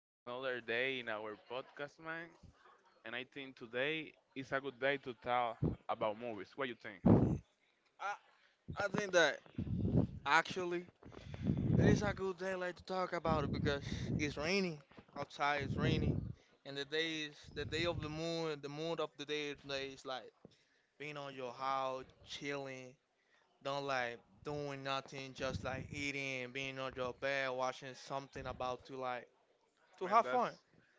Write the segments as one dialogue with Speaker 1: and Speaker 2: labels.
Speaker 1: in another day in our podcast, man. And I think today is a good day to talk about movies. What you think,
Speaker 2: I, I think that actually it is a good day like to talk about it because it's raining outside. It's raining, and the day is the day of the moon. The moon of the day today is like, being on your house, chilling, don't like doing nothing, just like eating, being on your bed, watching something about to like to
Speaker 1: man?
Speaker 2: have
Speaker 1: That's
Speaker 2: fun.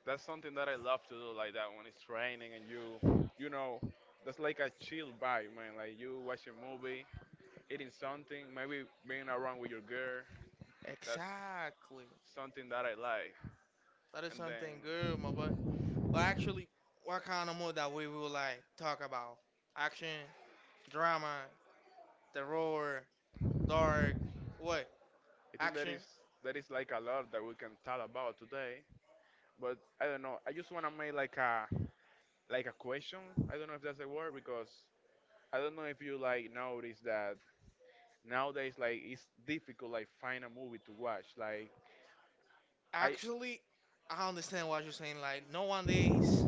Speaker 1: that's something that I love to do, like that when it's raining and that's like a chill vibe, man. Like you watch a movie, eating something, maybe being around with your girl. That's
Speaker 2: Exactly,
Speaker 1: something that I like.
Speaker 2: that is
Speaker 1: And
Speaker 2: something good, my boy.
Speaker 1: then
Speaker 2: But actually, what kind of mood that we will like talk about? Action, drama, terror, dark, what?
Speaker 1: I think that
Speaker 2: Action.
Speaker 1: is that is like a lot that we can talk about today. But I don't know. I just wanna make like a question. I don't know if that's a word because I don't know if you like notice that nowadays like it's difficult like find a movie to watch. Like I
Speaker 2: Actually, I understand what you're saying. Like nowadays,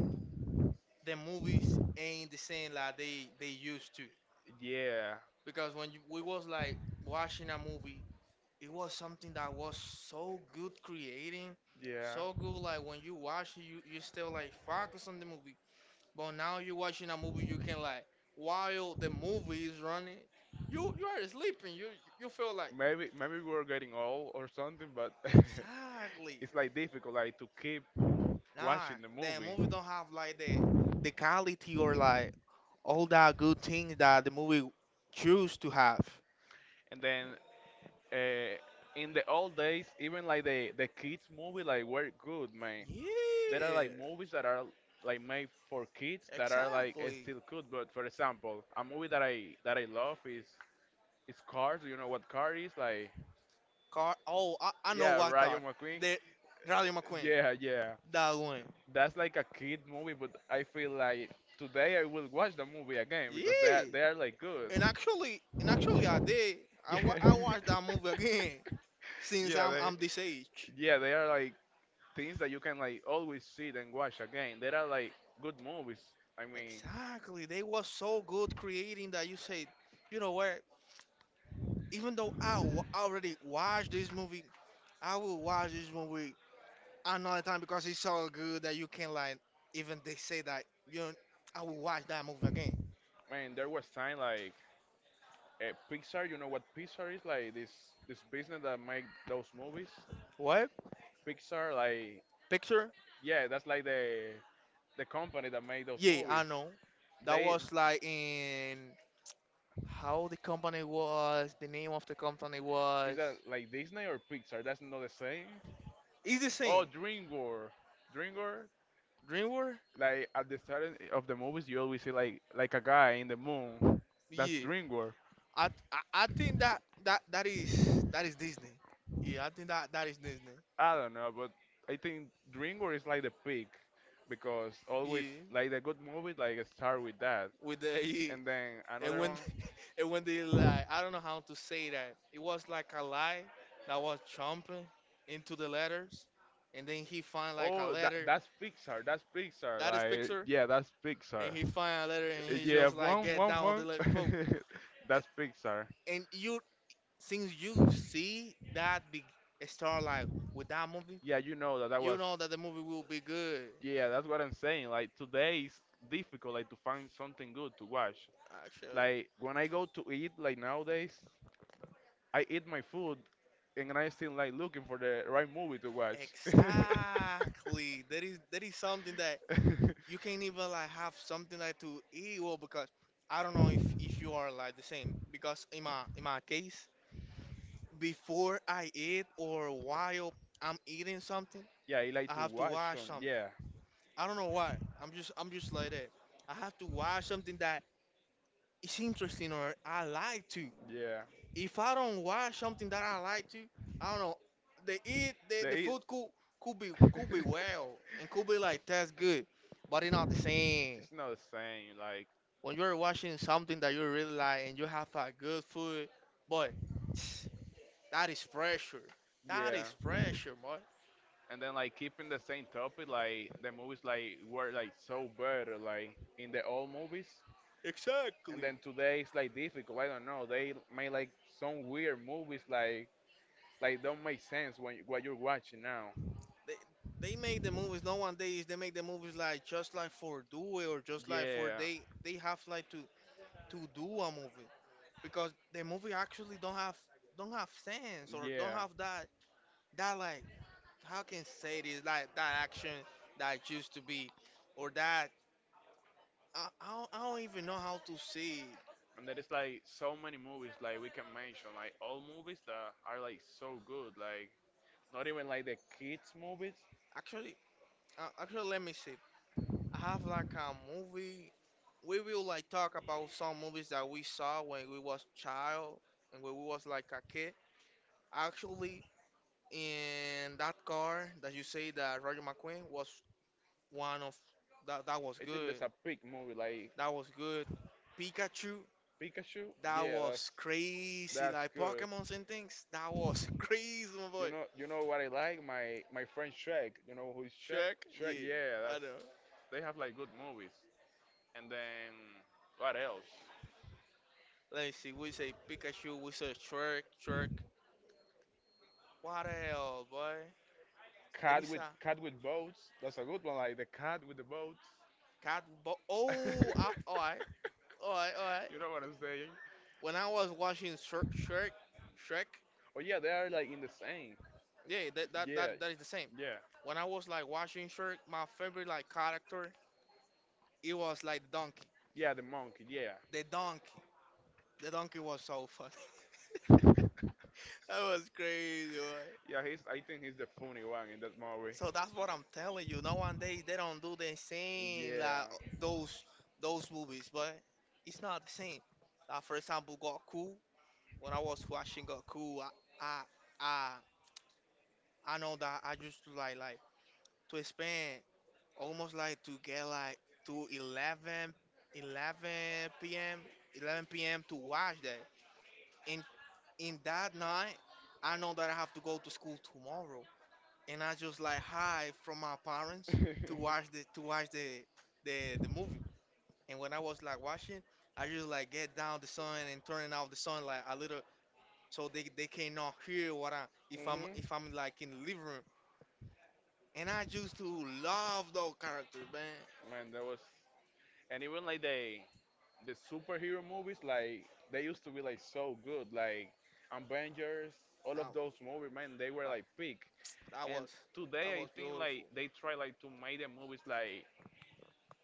Speaker 2: the movies ain't the same like they used to.
Speaker 1: yeah,
Speaker 2: Because when you, we was like watching a movie, it was something that was so good creating,
Speaker 1: yeah.
Speaker 2: so good. Like when you watch it, you still like focus on the movie. But now you're watching a movie, you can like while the movie is running, you are sleeping. You feel like
Speaker 1: Maybe we're getting old or something, but
Speaker 2: exactly.
Speaker 1: it's like difficult like to keep
Speaker 2: Nah,
Speaker 1: watching the
Speaker 2: the
Speaker 1: movie.
Speaker 2: movie don't have like the quality or like all that good things that the movie choose to have.
Speaker 1: And then uh, in the old days, even like the kids movie like were good, man. There are like
Speaker 2: Yeah,
Speaker 1: movies that are like made for kids that are like
Speaker 2: exactly.
Speaker 1: still good. But for example, a movie that I love is Cars. Do you know what Car is? Like,
Speaker 2: Car. Oh, I know
Speaker 1: yeah,
Speaker 2: what car.
Speaker 1: Rayo McQueen.
Speaker 2: The Radio McQueen.
Speaker 1: Yeah, yeah.
Speaker 2: That one.
Speaker 1: That's like a kid movie, but I feel like today I will watch the movie again because they
Speaker 2: Yeah.
Speaker 1: are, they are like good.
Speaker 2: And actually, I did. I
Speaker 1: Yeah.
Speaker 2: watched that movie again since
Speaker 1: yeah,
Speaker 2: I'm I'm this age.
Speaker 1: they are like things that you can like always see and watch again. There are like good movies. I mean,
Speaker 2: Exactly. They was so good creating that you said, you know what? Even though already watched this movie, I will watch this movie another time because it's so good that you can like even they say that you know, I will watch that movie again.
Speaker 1: man, there was time like Pixar. You know what Pixar is like? This business that make those movies.
Speaker 2: What
Speaker 1: Pixar, like
Speaker 2: picture?
Speaker 1: yeah, that's like the company that made those
Speaker 2: Yeah, I
Speaker 1: movies.
Speaker 2: know. That
Speaker 1: They
Speaker 2: was like in how the company was, the name of the company
Speaker 1: is
Speaker 2: was.
Speaker 1: that like Disney or Pixar? That's not the same.
Speaker 2: It's the
Speaker 1: Oh,
Speaker 2: same.
Speaker 1: DreamWorks. DreamWorks.
Speaker 2: DreamWorks?
Speaker 1: Like at the start of the movies, you always see like a guy in the moon. That's
Speaker 2: Yeah.
Speaker 1: DreamWorks.
Speaker 2: I I think that, that is that is Disney. Yeah, I think that that is Disney.
Speaker 1: I don't know, but I think DreamWorks is like the peak because always
Speaker 2: Yeah.
Speaker 1: like the good movie like start with that,
Speaker 2: With the
Speaker 1: and then
Speaker 2: and
Speaker 1: another
Speaker 2: when
Speaker 1: one.
Speaker 2: and when they like I don't know how to say that. It was like a lie that was jumping into the letters, and then he find like a
Speaker 1: Oh,
Speaker 2: letter
Speaker 1: that's Pixar,
Speaker 2: that is
Speaker 1: like
Speaker 2: picture,
Speaker 1: yeah, that's
Speaker 2: and
Speaker 1: Pixar.
Speaker 2: he find a letter and he just
Speaker 1: Yeah,
Speaker 2: like get down the like po.
Speaker 1: that's Pixar.
Speaker 2: And you since you see that big star like with that movie,
Speaker 1: Yeah, you know that that
Speaker 2: you
Speaker 1: was.
Speaker 2: know that the movie will be good.
Speaker 1: Yeah, that's what I'm saying. Like today is difficult like to find something good to watch.
Speaker 2: I'll show you.
Speaker 1: Like when I go to eat like nowadays. I eat my food and I still like looking for the right movie to watch.
Speaker 2: Exactly. That is something that you can't even like have something like to eat well because I don't know if you are like the same because in my case before I eat or while I'm eating something
Speaker 1: yeah, I
Speaker 2: I
Speaker 1: like to
Speaker 2: have to
Speaker 1: watch
Speaker 2: watch
Speaker 1: on.
Speaker 2: something
Speaker 1: Yeah,
Speaker 2: I don't know why I'm just like that I have to watch something that is interesting or I like to
Speaker 1: yeah.
Speaker 2: if I don't watch something that I like to I don't know the eat the
Speaker 1: They eat.
Speaker 2: food could could be well and could be like that's good but it's not the same
Speaker 1: it's not the same. Like
Speaker 2: when you're watching something that you really like and you have a good food, boy, that is pressure. That
Speaker 1: yeah.
Speaker 2: is pressure, boy.
Speaker 1: And then like keeping the same topic like the movies like were like so better like in the old movies, and
Speaker 2: Exactly.
Speaker 1: then today it's like difficult. I don't know, they made like some weird movies like don't make sense when what you're watching now.
Speaker 2: They they make the movies nowadays. They make the movies like just like for do it or just like for
Speaker 1: Yeah,
Speaker 2: they have like to do a movie because the movie actually don't have sense or don't
Speaker 1: yeah.
Speaker 2: have that that like how can say this like that action that used to be or that I don't even know how to say it.
Speaker 1: And there is like so many movies like we can mention, like all movies that are like so good, like not even like the kids movies.
Speaker 2: Actually, actually, let me see. I have like a movie. We will like talk about some movies that we saw when we was child and when we was like a kid. Actually, in that car that you say that Roger McQueen was one of that that was
Speaker 1: I think there's
Speaker 2: good.
Speaker 1: a big movie like
Speaker 2: That was good. Pikachu,
Speaker 1: Pikachu.
Speaker 2: that
Speaker 1: Yeah, that's
Speaker 2: was crazy.
Speaker 1: that's
Speaker 2: Like
Speaker 1: good.
Speaker 2: Pokemons and things, that was crazy, my boy.
Speaker 1: You know what I like? My friend Shrek. You know who is Shrek?
Speaker 2: Shrek,
Speaker 1: Shrek.
Speaker 2: yeah,
Speaker 1: Yeah,
Speaker 2: I
Speaker 1: that's.
Speaker 2: know.
Speaker 1: They have like good movies. And then what else?
Speaker 2: Let me see. We say Pikachu. We say Shrek. What else, boy? There
Speaker 1: Cat
Speaker 2: is
Speaker 1: with
Speaker 2: a
Speaker 1: cat with boats. That's a good one. Like the cat with the boats.
Speaker 2: cat. Bo- oh, all right.
Speaker 1: you know what I'm saying?
Speaker 2: When I was watching Shrek,
Speaker 1: Oh yeah, they are like in the same.
Speaker 2: yeah, that, that
Speaker 1: Yeah,
Speaker 2: that that is the same.
Speaker 1: yeah,
Speaker 2: When I was like watching Shrek, my favorite like character, it was like the donkey.
Speaker 1: yeah. The monkey. Yeah,
Speaker 2: The donkey, the donkey was so funny. That was crazy. Boy.
Speaker 1: yeah. He's. I think he's the funny one in that movie.
Speaker 2: So that's what I'm telling you. Nowadays they don't do the same
Speaker 1: Yeah.
Speaker 2: like those those movies, but it's not the same. Like for example, Goku. When I was watching Goku, I I I know that I used to like to spend almost like to get like to 11 p.m. 11 p.m. to watch that. In in that night, I know that I have to go to school tomorrow, and I just like hide from my parents to watch the movie. And when I was like watching, I just like get down the sun and turning off the sun like a little so they cannot hear what I if
Speaker 1: mhm.
Speaker 2: I'm like in the living room. And I used to love those characters, man.
Speaker 1: Man, that was. And even like the superhero movies like they used to be like so good like Avengers, all of
Speaker 2: I,
Speaker 1: those movies, man, they were like
Speaker 2: like
Speaker 1: peak.
Speaker 2: that
Speaker 1: And
Speaker 2: was
Speaker 1: today
Speaker 2: that
Speaker 1: I
Speaker 2: was
Speaker 1: think like
Speaker 2: beautiful.
Speaker 1: they try like to make the movies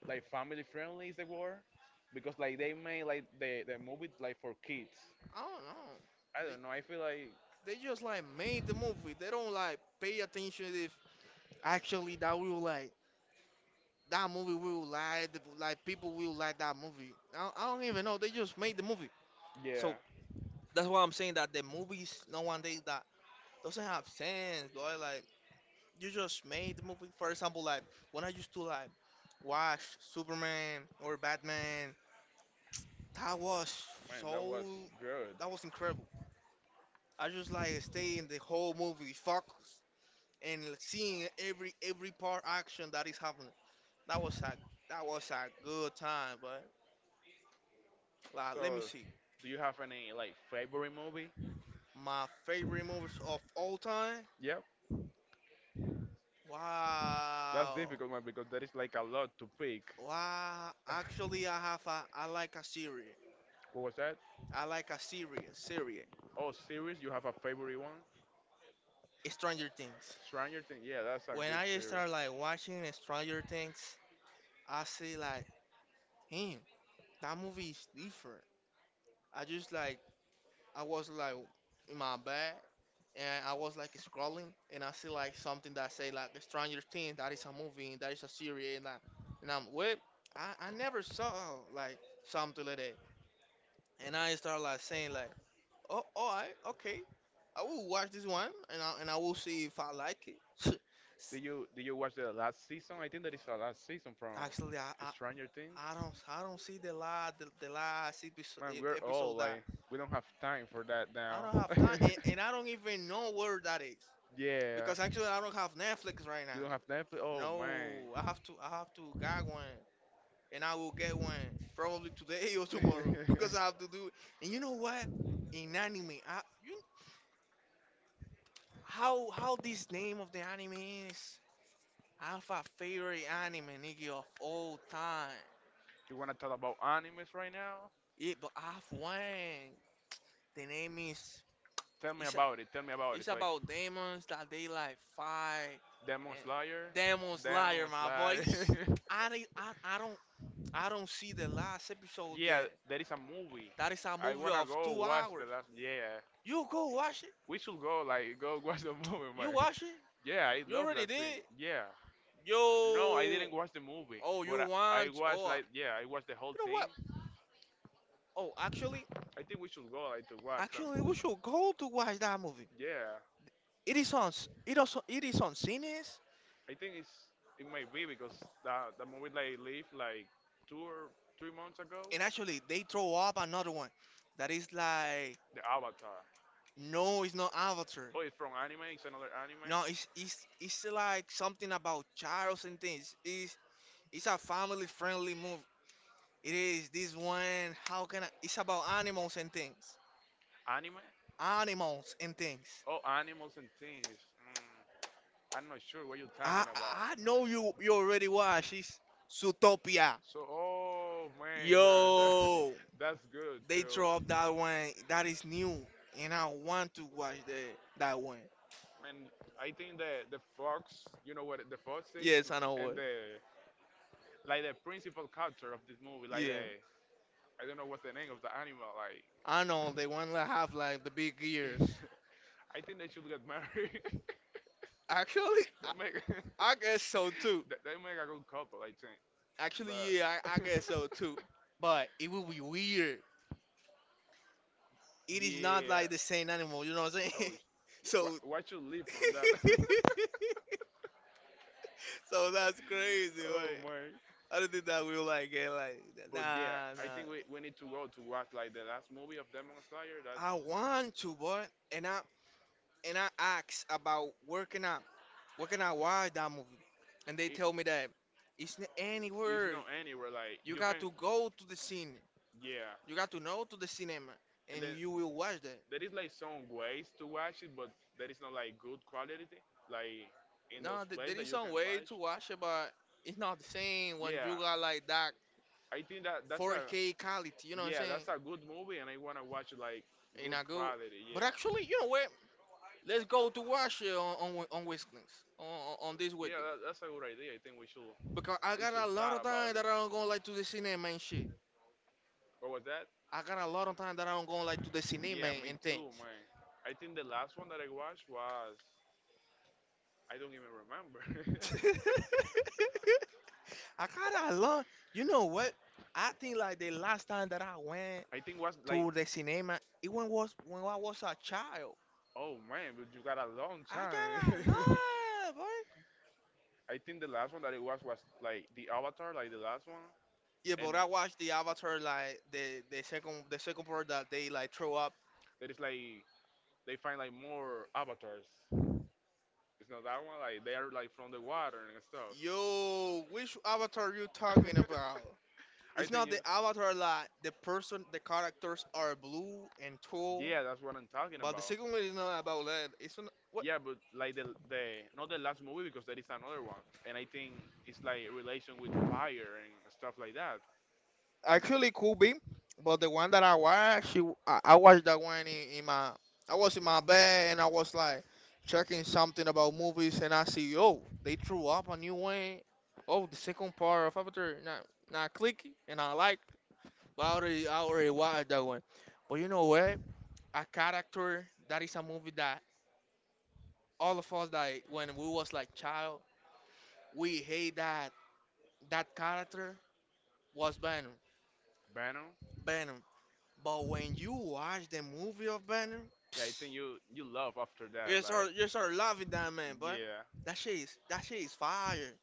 Speaker 1: like family friendly is the word, because like they made like the movies like for kids.
Speaker 2: I don't know.
Speaker 1: I
Speaker 2: They
Speaker 1: don't know, I feel like
Speaker 2: they just like made the movie. They don't like pay attention if actually that will like that movie will like the, like people will like that movie. I don't even know. They just made the movie.
Speaker 1: yeah,
Speaker 2: So that's why I'm saying that the movies nowadays that doesn't have sense, boy. Like you just made the movie. For example, like when I used to like watch Superman or Batman that was
Speaker 1: man, that was
Speaker 2: so.
Speaker 1: good.
Speaker 2: That was incredible. I just like stay in the whole movie, focused, and seeing every part action that is happening. That was a that was a good time, but like
Speaker 1: So
Speaker 2: let me see.
Speaker 1: do you have any like favorite movie?
Speaker 2: My favorite movies of all time.
Speaker 1: Yep. That's
Speaker 2: Wow,
Speaker 1: difficult, man, because there is like a lot to pick.
Speaker 2: wow. Actually, I have a I like a series.
Speaker 1: What was that?
Speaker 2: I like a series. Series.
Speaker 1: Oh, series? You have a favorite one?
Speaker 2: Stranger Things.
Speaker 1: Stranger Things. Yeah, that's a
Speaker 2: When
Speaker 1: good
Speaker 2: I
Speaker 1: series.
Speaker 2: start like watching Stranger Things, I see like, damn, that movie is different. I just like I was like in my bed and I was like scrolling and I see like something that say like Stranger Things that is a movie and that is a series and I and I'm wait I never saw like something like that and I start like saying like oh all right okay I will watch this one and I will see if I like it.
Speaker 1: Did you watch the last season? I think that is the last season from
Speaker 2: Actually, I, I
Speaker 1: Stranger Things.
Speaker 2: I don't see the last the last
Speaker 1: Man, we're old.
Speaker 2: episode
Speaker 1: Like
Speaker 2: that
Speaker 1: we don't have time for that
Speaker 2: I
Speaker 1: now.
Speaker 2: don't have time and I don't even know where that is.
Speaker 1: yeah.
Speaker 2: Because actually, I don't have Netflix right
Speaker 1: You
Speaker 2: now.
Speaker 1: don't have Netflix? Oh
Speaker 2: No, I
Speaker 1: man.
Speaker 2: have to. I have to get one, and I will get one probably today or tomorrow because I have to do it. And you know what? In anime, you how this name of the anime is? I have a favorite anime, nigga, of all time.
Speaker 1: you wanna talk about animes right now?
Speaker 2: Yeah, but I have one. The name is
Speaker 1: Tell me
Speaker 2: it's
Speaker 1: about it. Tell me about it.
Speaker 2: it's
Speaker 1: It's like
Speaker 2: about demons that they like fight
Speaker 1: Demon
Speaker 2: and
Speaker 1: Slayer.
Speaker 2: demons liar,
Speaker 1: Demon
Speaker 2: my boy.
Speaker 1: Slayer.
Speaker 2: I don't see the last episode
Speaker 1: yeah,
Speaker 2: yet.
Speaker 1: there is a movie.
Speaker 2: That is a
Speaker 1: I
Speaker 2: movie
Speaker 1: wanna
Speaker 2: of
Speaker 1: go
Speaker 2: two
Speaker 1: watch the
Speaker 2: hours.
Speaker 1: last. Yeah,
Speaker 2: You go watch it.
Speaker 1: we should go like go watch the movie, man.
Speaker 2: You watch it.
Speaker 1: Yeah, I
Speaker 2: You
Speaker 1: love
Speaker 2: already
Speaker 1: that thing.
Speaker 2: did.
Speaker 1: Yeah. No, I
Speaker 2: Yo.
Speaker 1: didn't watch the movie,
Speaker 2: Oh, you
Speaker 1: but I
Speaker 2: want?
Speaker 1: watched
Speaker 2: Oh,
Speaker 1: like yeah, I watched the whole
Speaker 2: you know
Speaker 1: thing.
Speaker 2: what? Oh,
Speaker 1: I think we should go like to watch
Speaker 2: actually,
Speaker 1: them.
Speaker 2: we should go to watch that movie.
Speaker 1: Yeah.
Speaker 2: It is on. It also. It is on cines.
Speaker 1: I think it's it might be because that the movie they leave like 2 or 3 months ago.
Speaker 2: And actually, they throw up another one. That is like
Speaker 1: The Avatar.
Speaker 2: no, it's not Avatar.
Speaker 1: Oh, it's from anime. It's another anime.
Speaker 2: No, it's like something about Charles and things. It's a family friendly It is this one. How can I? It's about animals and things.
Speaker 1: Anime?
Speaker 2: Animals and things.
Speaker 1: Oh, animals and things. Mm, I'm not sure what you're talking about.
Speaker 2: I know you already watched. It's Zootopia.
Speaker 1: So, oh man,
Speaker 2: Yo,
Speaker 1: that's good
Speaker 2: they throw up
Speaker 1: too.
Speaker 2: that one. That is new, and I want to watch the that one.
Speaker 1: And I think the fox, you know what the fox is,
Speaker 2: Yes, I know
Speaker 1: and
Speaker 2: what.
Speaker 1: the like the principal character of this movie, like
Speaker 2: Yeah,
Speaker 1: the I don't know what's the name of the animal. Like,
Speaker 2: I know they want to have like the big ears.
Speaker 1: I think they should get married.
Speaker 2: Actually,
Speaker 1: they make
Speaker 2: I guess so too.
Speaker 1: they make a good couple, I think.
Speaker 2: Actually,
Speaker 1: But
Speaker 2: yeah, I guess so too. But it will be weird it is not
Speaker 1: yeah.
Speaker 2: like the same animal, you know what I'm saying?
Speaker 1: Oh, sh-
Speaker 2: So
Speaker 1: what should leave from that?
Speaker 2: so that's crazy,
Speaker 1: oh
Speaker 2: right?
Speaker 1: my!
Speaker 2: I don't think that we like get like
Speaker 1: But yeah, I
Speaker 2: nah.
Speaker 1: think we need to go to watch like the last movie of Demon Slayer. That
Speaker 2: I want to, boy, and I and I asked about working out. Why that movie? And they tell me
Speaker 1: it,
Speaker 2: that it's not
Speaker 1: it's
Speaker 2: anywhere.
Speaker 1: not anywhere. Like
Speaker 2: You
Speaker 1: you
Speaker 2: got
Speaker 1: can
Speaker 2: to go to the scene. You
Speaker 1: yeah.
Speaker 2: got to know to the cinema,
Speaker 1: And
Speaker 2: and
Speaker 1: then
Speaker 2: you will watch that.
Speaker 1: there is like some ways to watch it, but there is not like good quality, like in those
Speaker 2: No, there
Speaker 1: places
Speaker 2: is
Speaker 1: that you
Speaker 2: some
Speaker 1: can
Speaker 2: way
Speaker 1: watch.
Speaker 2: to watch it, but it's not the same when you
Speaker 1: Yeah,
Speaker 2: got like that
Speaker 1: I think that that's a
Speaker 2: 4K quality. You know what I'm
Speaker 1: yeah,
Speaker 2: saying?
Speaker 1: that's a good movie, and I wanna watch like
Speaker 2: And
Speaker 1: good
Speaker 2: I go,
Speaker 1: quality.
Speaker 2: but
Speaker 1: Yeah,
Speaker 2: actually, you know what? Let's go to watch it on on Wednesdays on this
Speaker 1: yeah,
Speaker 2: weekend
Speaker 1: that's a good idea. I think
Speaker 2: because I
Speaker 1: we
Speaker 2: got a
Speaker 1: should
Speaker 2: lot
Speaker 1: talk
Speaker 2: of time
Speaker 1: about it.
Speaker 2: that I don't go like to the cinema and shit.
Speaker 1: What was that?
Speaker 2: I got a lot of time that I don't go like to the cinema
Speaker 1: Yeah, me
Speaker 2: and things.
Speaker 1: too, man. I think the last one that I watched was I don't even remember.
Speaker 2: I got a lot. You know what? I think like the last time that I went
Speaker 1: I think was like,
Speaker 2: to the cinema, it when was when I was a child.
Speaker 1: oh man, but you got a long
Speaker 2: I got a
Speaker 1: time.
Speaker 2: lot, boy.
Speaker 1: I think the last one that it was like the Avatar, like the last one,
Speaker 2: Yeah,
Speaker 1: and
Speaker 2: but
Speaker 1: then-
Speaker 2: I watched the Avatar like the second part that they like throw up.
Speaker 1: that is like they find like more avatars. It's not that one. Like they are like from the water and stuff.
Speaker 2: Yo, which Avatar you talking about?
Speaker 1: I
Speaker 2: It's
Speaker 1: think
Speaker 2: not
Speaker 1: you.
Speaker 2: the Avatar like the characters are blue and tall,
Speaker 1: Yeah, that's what I'm talking
Speaker 2: but the
Speaker 1: about.
Speaker 2: second one is not about that. It's not.
Speaker 1: Yeah, but like the not the last movie because there is another one, and I think it's like relation with fire and stuff like that. And
Speaker 2: Actually, could be, but the one that I watched, I watched that one I was in my bed and I was like checking something about movies and I see, oh, they threw up a new one. Oh, the second part of Avatar, not clicky, and I like. But I already watched that one. But you know what? A character that is a movie that all of us that when we was like child, we hate that character was Venom.
Speaker 1: Venom,
Speaker 2: Venom. But when you watch the movie of Banner,
Speaker 1: yeah, I
Speaker 2: psst,
Speaker 1: think you you love after that,
Speaker 2: you
Speaker 1: like
Speaker 2: start you start loving that man, but
Speaker 1: yeah.
Speaker 2: that shit is fire.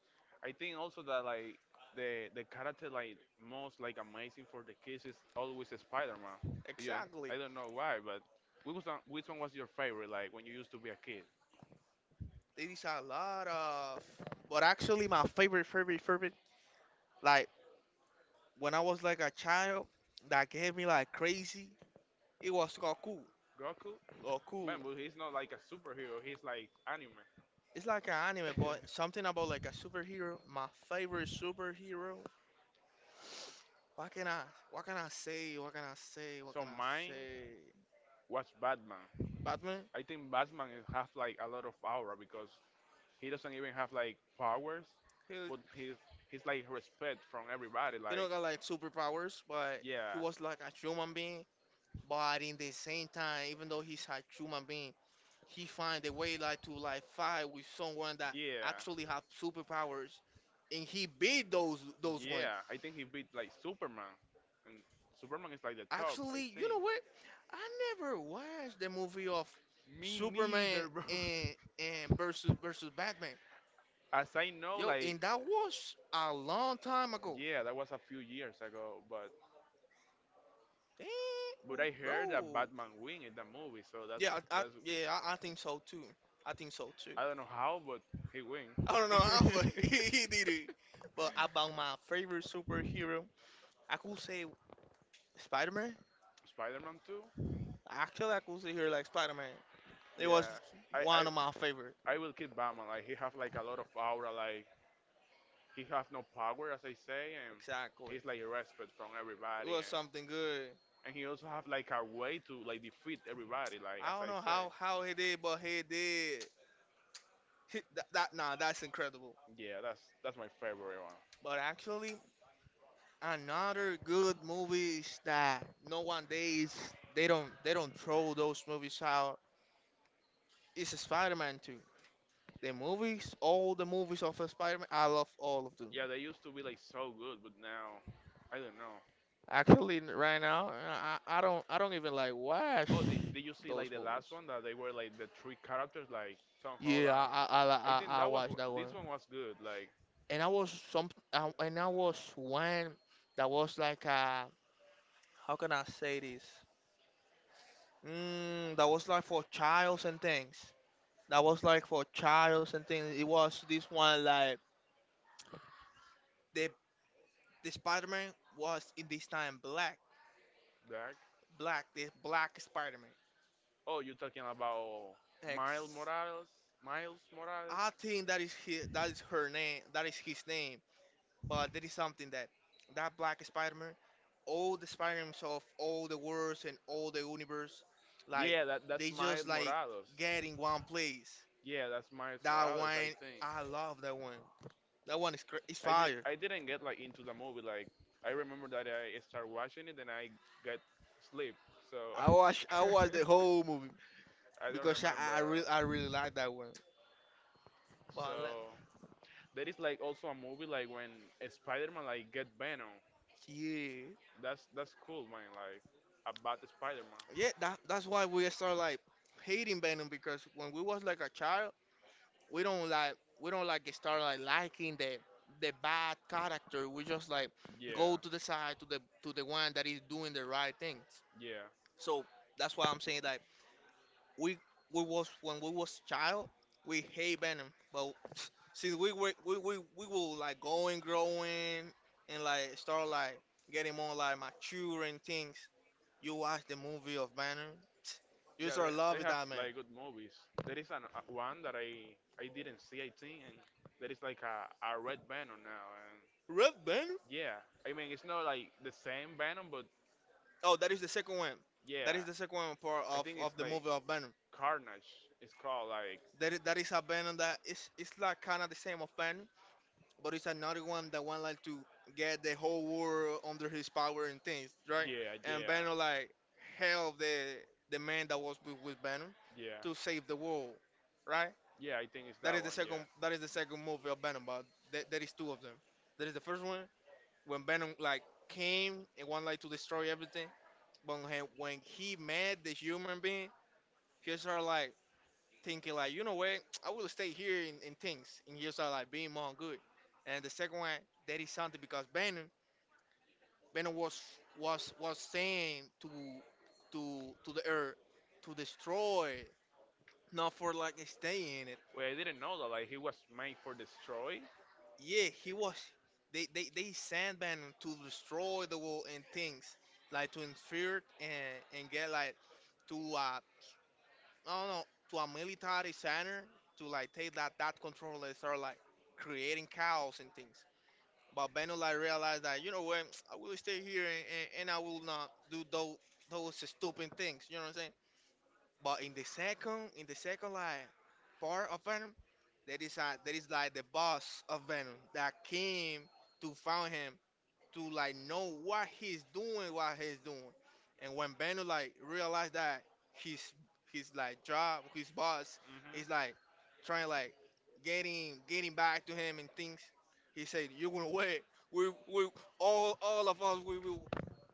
Speaker 1: I think also that like the character like most like amazing for the kids is always Spider-Man. Yeah,
Speaker 2: Exactly.
Speaker 1: I don't know why, but which one was your favorite? Like when you used to be a kid,
Speaker 2: There is a lot of but actually my favorite favorite favorite like when I was like a child that gave me like crazy it was Goku.
Speaker 1: Goku.
Speaker 2: Goku.
Speaker 1: Man, but he's not like a superhero. He's like anime.
Speaker 2: It's like an anime but something about like a superhero. My favorite superhero. What can I what can I say? What can I say? What
Speaker 1: so
Speaker 2: can I
Speaker 1: mine
Speaker 2: say?
Speaker 1: was Batman.
Speaker 2: Batman?
Speaker 1: I think Batman is- have like a lot of aura because he doesn't even have like powers,
Speaker 2: Hell
Speaker 1: but he's like respect from everybody.
Speaker 2: he don't
Speaker 1: Like
Speaker 2: got like superpowers, but he
Speaker 1: yeah,
Speaker 2: was like a human being. But in the same time, even though he's a human being, he find a way like to like fight with someone that
Speaker 1: yeah,
Speaker 2: actually have superpowers, and he beat those ones.
Speaker 1: yeah. I think he beat like Superman, and Superman is like the top. I
Speaker 2: Actually, you
Speaker 1: think.
Speaker 2: know what? I never watched the movie of
Speaker 1: Me
Speaker 2: Superman
Speaker 1: neither, bro.
Speaker 2: and versus Batman.
Speaker 1: As I know,
Speaker 2: Yo,
Speaker 1: like,
Speaker 2: and that was a long time ago.
Speaker 1: yeah, that was a few years ago,
Speaker 2: Damn,
Speaker 1: but I heard that
Speaker 2: bro.
Speaker 1: Batman win in the movie, so
Speaker 2: Yeah, I
Speaker 1: that's
Speaker 2: yeah, I think so too. I think so.
Speaker 1: I don't know how, but he win.
Speaker 2: I don't know how, but he did it. But about my favorite superhero, I could say Spider-Man.
Speaker 1: Spider-Man 2?
Speaker 2: Actually, I could say here like Spider-Man. It
Speaker 1: Yeah.
Speaker 2: was
Speaker 1: I,
Speaker 2: one of my
Speaker 1: I
Speaker 2: favorite.
Speaker 1: I will keep Batman. Like he have like a lot of aura. Like he have no power, as I say, and
Speaker 2: Exactly.
Speaker 1: he's like respect from
Speaker 2: It
Speaker 1: everybody.
Speaker 2: was something good.
Speaker 1: And he also have like a way to like defeat everybody. Like
Speaker 2: I
Speaker 1: as
Speaker 2: don't
Speaker 1: I
Speaker 2: know
Speaker 1: said,
Speaker 2: how he did, but he did. He, that, that nah, that's incredible.
Speaker 1: yeah, that's my favorite one.
Speaker 2: But actually, another good movies that no one days they don't throw those movies out. It's Spider-Man 2. The movies, all the movies of Spider-Man, I love all of them.
Speaker 1: Yeah, they used to be like so good, but now I don't know.
Speaker 2: Actually, right now, I don't even like watch
Speaker 1: Oh, did you see
Speaker 2: those
Speaker 1: like the last
Speaker 2: movies.
Speaker 1: one that they were like the three characters like Tom
Speaker 2: Yeah,
Speaker 1: Holland?
Speaker 2: I li-
Speaker 1: I think
Speaker 2: I
Speaker 1: that was
Speaker 2: watched
Speaker 1: wh-
Speaker 2: that
Speaker 1: this
Speaker 2: one,
Speaker 1: one was good. Like
Speaker 2: and I was one that was like how can I say this? Mm, that was like for childs and things. That was like for childs and things. It was this one like the the Spider-Man was in this time black,
Speaker 1: black.
Speaker 2: the black Spider-Man.
Speaker 1: Oh, you're talking about Miles
Speaker 2: X.
Speaker 1: Morales? Miles Morales?
Speaker 2: I think that is his, that is her name. That is his name. But that is something that that Black Spider-Man, all the Spider-Mans of all the worlds and all the universe, like
Speaker 1: Yeah, that that's
Speaker 2: they just
Speaker 1: Miles
Speaker 2: like
Speaker 1: Morales.
Speaker 2: get in one place.
Speaker 1: Yeah, that's Miles
Speaker 2: That
Speaker 1: Morales. I
Speaker 2: one,
Speaker 1: think
Speaker 2: I love that one. That one is is
Speaker 1: I did.
Speaker 2: fire.
Speaker 1: I didn't get like into the movie. Like I remember that I started watching it and I got sleep. So
Speaker 2: I watch I watch the whole movie
Speaker 1: I don't
Speaker 2: because I really
Speaker 1: remember.
Speaker 2: like that one. But
Speaker 1: So there is like also a movie like when Spider-Man like get Venom.
Speaker 2: yeah,
Speaker 1: That's cool, man. Like about the Spider-Man.
Speaker 2: yeah, that's why we start like hating Venom because when we was like a child, we don't like start like liking the bad character. We just like go
Speaker 1: Yeah,
Speaker 2: to the side to the one that is doing the right things.
Speaker 1: yeah.
Speaker 2: So that's why I'm saying that we we was when we was child we hate Venom, but since we were we will like going growing and like start like getting more like mature and things. You watch the movie of Venom, you
Speaker 1: Yeah,
Speaker 2: start
Speaker 1: they
Speaker 2: loving
Speaker 1: have
Speaker 2: that man.
Speaker 1: like good movies. There is an, one that I didn't see, I think, and there is like a red Venom now, and
Speaker 2: Red Venom.
Speaker 1: yeah, I mean it's not like the same Venom, but
Speaker 2: Oh, that is the second one.
Speaker 1: yeah,
Speaker 2: That is the second one part
Speaker 1: I
Speaker 2: of,
Speaker 1: think it's
Speaker 2: of the
Speaker 1: like
Speaker 2: movie of Venom.
Speaker 1: Carnage. It's called like
Speaker 2: That is a Venom that is it's like kind of the same of Venom, but it's another one that want like to get the whole world under his power and things, right?
Speaker 1: yeah,
Speaker 2: And
Speaker 1: yeah,
Speaker 2: Venom like help the man that was with Venom
Speaker 1: yeah,
Speaker 2: to save the world, right?
Speaker 1: yeah. I think it's
Speaker 2: That
Speaker 1: that
Speaker 2: is the
Speaker 1: one. Yeah.
Speaker 2: second that is the second movie of Venom, but there is two of them. There is the first one when Venom like came and wanted like to destroy everything, but when he met the human being. You start like thinking like, you know what, I will stay here in things, and you start like being more good. And the second one, that is something because Bannon was saying to the earth to destroy, not for like stay in it.
Speaker 1: Wait, I didn't know that like he was made for destroy.
Speaker 2: Yeah, he was. They sent Bannon to destroy the world and things, like to interfere and get like to no, no, to a military center to like take that control and start like creating chaos and things. But Beno like realized that you know what, I will stay here and I will not do those stupid things. You know what I'm saying? But in the second like part of Venom, there is like the boss of Venom that came to found him to like know what he's doing, And when Bando like realized that his his like job, his boss
Speaker 1: hmm
Speaker 2: is like trying like getting back to him and things, he said, "You're gonna wait. We all of us we will."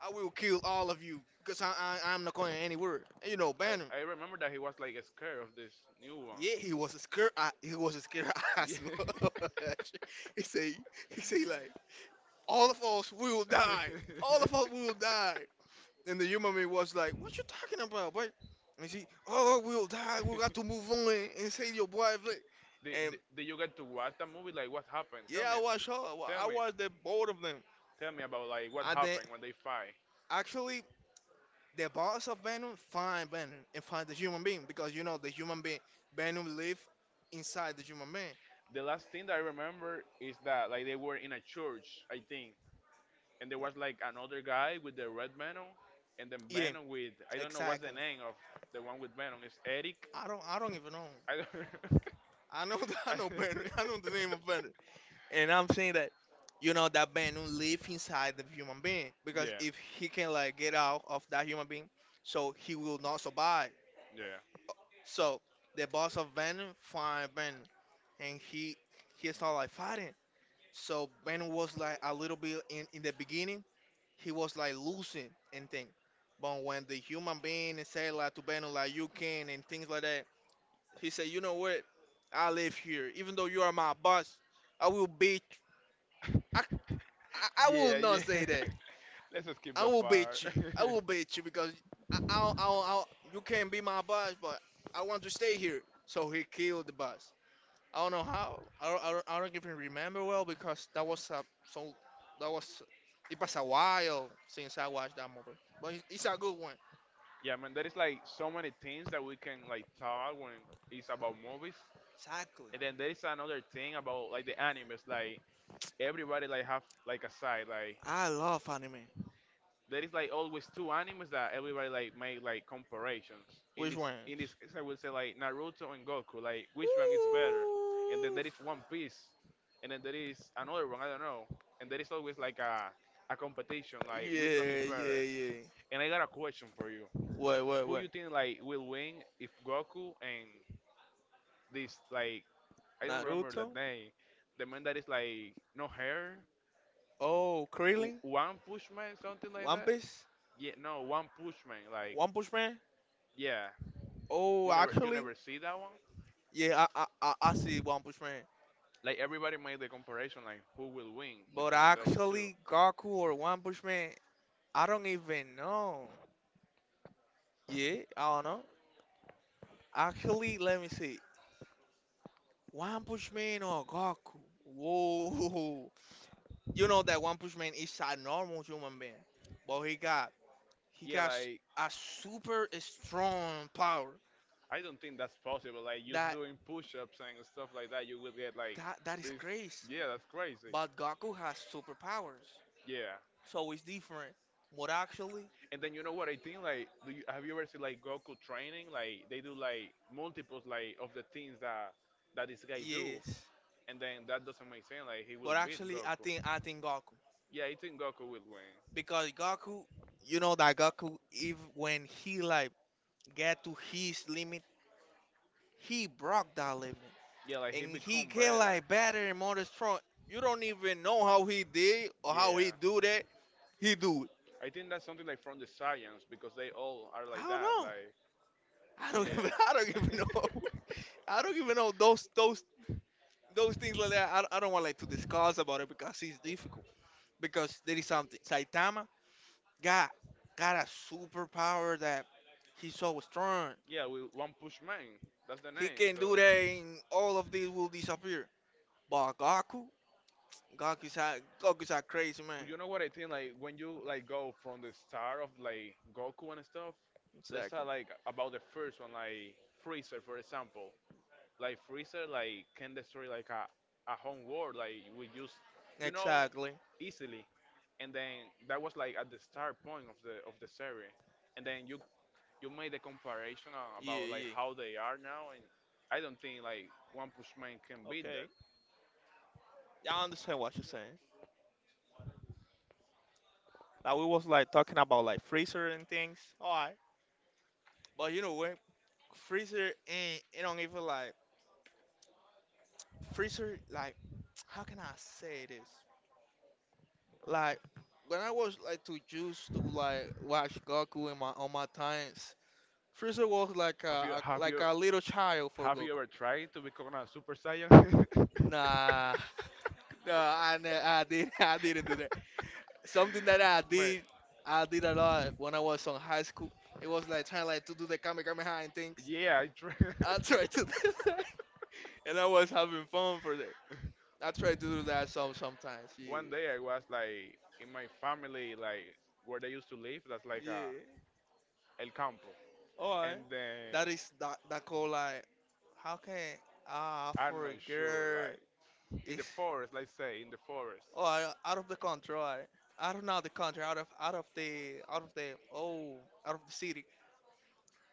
Speaker 2: I will kill all of you because I'm not going anywhere. And you know, Bando.
Speaker 1: I remember that he was like scared of this new one.
Speaker 2: Yeah, he was scared. He was scared
Speaker 1: Yeah.
Speaker 2: as well. he say, he say, all of us will die. All of us will die. And the human being was like, "What you talking about, boy?" And she, "Oh, we'll die. We got to move on and save your boy."
Speaker 1: did,
Speaker 2: And
Speaker 1: did, did you get to watch that movie? Like, what happened? Tell
Speaker 2: yeah, I
Speaker 1: me.
Speaker 2: watched her.
Speaker 1: Tell
Speaker 2: I
Speaker 1: me.
Speaker 2: watched the both of them.
Speaker 1: Tell me about like what
Speaker 2: And then
Speaker 1: happened when they fight.
Speaker 2: actually, the boss of Venom find Venom and find the human being because you know the human being Venom live inside the human being.
Speaker 1: The last thing that I remember is that like they were in a church, I think, and there was like another guy with the red Venom, and then
Speaker 2: Yeah,
Speaker 1: Venom with I don't know what's the
Speaker 2: exactly.
Speaker 1: name of the one with Venom. It's Eric.
Speaker 2: I don't. I don't even know.
Speaker 1: I don't.
Speaker 2: I know. I
Speaker 1: I-
Speaker 2: know Venom. I know the name of Venom. And I'm saying that you know that venom live inside the human being because
Speaker 1: yeah.
Speaker 2: if he can like get out of that human being, so he will not survive.
Speaker 1: Yeah.
Speaker 2: So the boss of Venom find Venom and he start like fighting. So Venom was like a little bit in the beginning he was like losing and thing, but when the human being say like to Venom like you can and things like that, he said you know what, I live here even though you are my boss, I will beat I, I will
Speaker 1: Yeah,
Speaker 2: not
Speaker 1: yeah.
Speaker 2: say that.
Speaker 1: Let's just skip
Speaker 2: I
Speaker 1: that
Speaker 2: will beat you. I
Speaker 1: part.
Speaker 2: will beat you because I, I, I, I, you can be my boss, but I want to stay here. So he killed the boss. I don't know how. I don't even remember well because so that was it was a while since I watched that movie. But it's a good one.
Speaker 1: yeah, man, there is like so many things that we can like talk when it's about movies.
Speaker 2: Exactly.
Speaker 1: And then there is another thing about like the animes. Like everybody like have like a side. Like
Speaker 2: I love anime.
Speaker 1: there is like always two animes that everybody like make like comparations. In
Speaker 2: Which
Speaker 1: this
Speaker 2: one?
Speaker 1: in this case, I would say like Naruto and Goku. Like which one is better? And then
Speaker 2: Ooh.
Speaker 1: there is One Piece, and then there is another one I don't know. And there is always like a competition like which one is
Speaker 2: Yeah, yeah,
Speaker 1: better.
Speaker 2: yeah.
Speaker 1: And I got a question for you.
Speaker 2: Wait, wait,
Speaker 1: Who
Speaker 2: wait.
Speaker 1: you think like will win if Goku and this like I don't remember
Speaker 2: Naruto.
Speaker 1: that name. The man that is like no hair,
Speaker 2: Oh,
Speaker 1: W-
Speaker 2: Krillin.
Speaker 1: one push man, something like
Speaker 2: One
Speaker 1: that.
Speaker 2: Piece.
Speaker 1: Yeah, no, one push man. Like
Speaker 2: One Punch Man.
Speaker 1: yeah,
Speaker 2: Oh,
Speaker 1: You never you
Speaker 2: actually,
Speaker 1: never see that one?
Speaker 2: yeah, I see One Punch Man,
Speaker 1: Like everybody made the comparison like who will win
Speaker 2: but
Speaker 1: between those two.
Speaker 2: actually Goku or One Punch Man, I don't even know. Yeah, I don't know. Actually, let me see. One Punch Man or Goku? Whoa! You know that One Punch Man is a normal human being, but he got he
Speaker 1: Yeah,
Speaker 2: got s-
Speaker 1: like
Speaker 2: a super strong power.
Speaker 1: I don't think that's possible. Like just
Speaker 2: That
Speaker 1: doing push-ups and stuff like that, you will get like
Speaker 2: that is
Speaker 1: this.
Speaker 2: crazy.
Speaker 1: Yeah, that's crazy.
Speaker 2: But Goku has superpowers,
Speaker 1: Yeah,
Speaker 2: so it's different. But actually,
Speaker 1: and then you know what I think? Like, do you, have you ever seen like Goku training? Like they do like multiples like of the things that this guy do,
Speaker 2: yes.
Speaker 1: and then that doesn't make sense. Like he will
Speaker 2: But
Speaker 1: beat
Speaker 2: actually, I
Speaker 1: Goku.
Speaker 2: think I think Goku.
Speaker 1: Yeah, I think Goku will win.
Speaker 2: Because Goku, you know that Goku, if when he like get to his limit, he broke that limit,
Speaker 1: Yeah, like he
Speaker 2: and he
Speaker 1: become
Speaker 2: get
Speaker 1: better.
Speaker 2: like better and more strong. You don't even know how he did or how he
Speaker 1: Yeah.
Speaker 2: do that. He do it.
Speaker 1: I think that's something like from the science because they all are
Speaker 2: I
Speaker 1: like
Speaker 2: don't
Speaker 1: that.
Speaker 2: know.
Speaker 1: Like,
Speaker 2: I don't even. I don't
Speaker 1: yeah.
Speaker 2: even know. I don't even know those things like that. I don't want like to discuss about it because it's difficult. Because there is something. Saitama got got a superpower that he's so strong.
Speaker 1: yeah, we one push man. That's the
Speaker 2: He
Speaker 1: name.
Speaker 2: can
Speaker 1: So,
Speaker 2: do that and all of this will disappear. But Goku, Goku's a crazy man.
Speaker 1: but you know what I think? Like when you like go from the start of like Goku and stuff. Let's talk
Speaker 2: Exactly.
Speaker 1: like about the first one, like Freezer, for example. Like Freezer, like can destroy like a home world, like we use, you know,
Speaker 2: Exactly.
Speaker 1: easily. And then that was like at the start point of the series. And then you made the comparison
Speaker 2: Yeah,
Speaker 1: about like
Speaker 2: yeah.
Speaker 1: how they are now, and I don't think like one Pushman can beat that.
Speaker 2: Okay, I understand what you're saying. Now we was like talking about like freezer and things. All right. But you know what? Freezer ain't it don't even like. Freezer like, how can I say this? Like when I was like too used to like watch Goku in my times, Freezer was like
Speaker 1: Have you
Speaker 2: a
Speaker 1: have
Speaker 2: like
Speaker 1: you
Speaker 2: a little child for
Speaker 1: have you
Speaker 2: Goku.
Speaker 1: ever tried to become a super saiyan?
Speaker 2: Nah. No, I did. I didn't do that. Something that
Speaker 1: Man,
Speaker 2: I did a lot when I was on high school. It was like trying like to do the kamehameha and things.
Speaker 1: yeah, I tried.
Speaker 2: I tried to do that, and I was having fun for that. I tried to do that sometimes. Yeah,
Speaker 1: one day I was like in my family, like where they used to live, that's like a
Speaker 2: yeah.
Speaker 1: El Campo,
Speaker 2: All right.
Speaker 1: and then
Speaker 2: That is that call like, how can,
Speaker 1: I'm
Speaker 2: for a
Speaker 1: not sure,
Speaker 2: girl
Speaker 1: like in
Speaker 2: is,
Speaker 1: the forest, let's say in the forest.
Speaker 2: all right, out of the country. All right. Out of not the country, out of the oh, out of the city.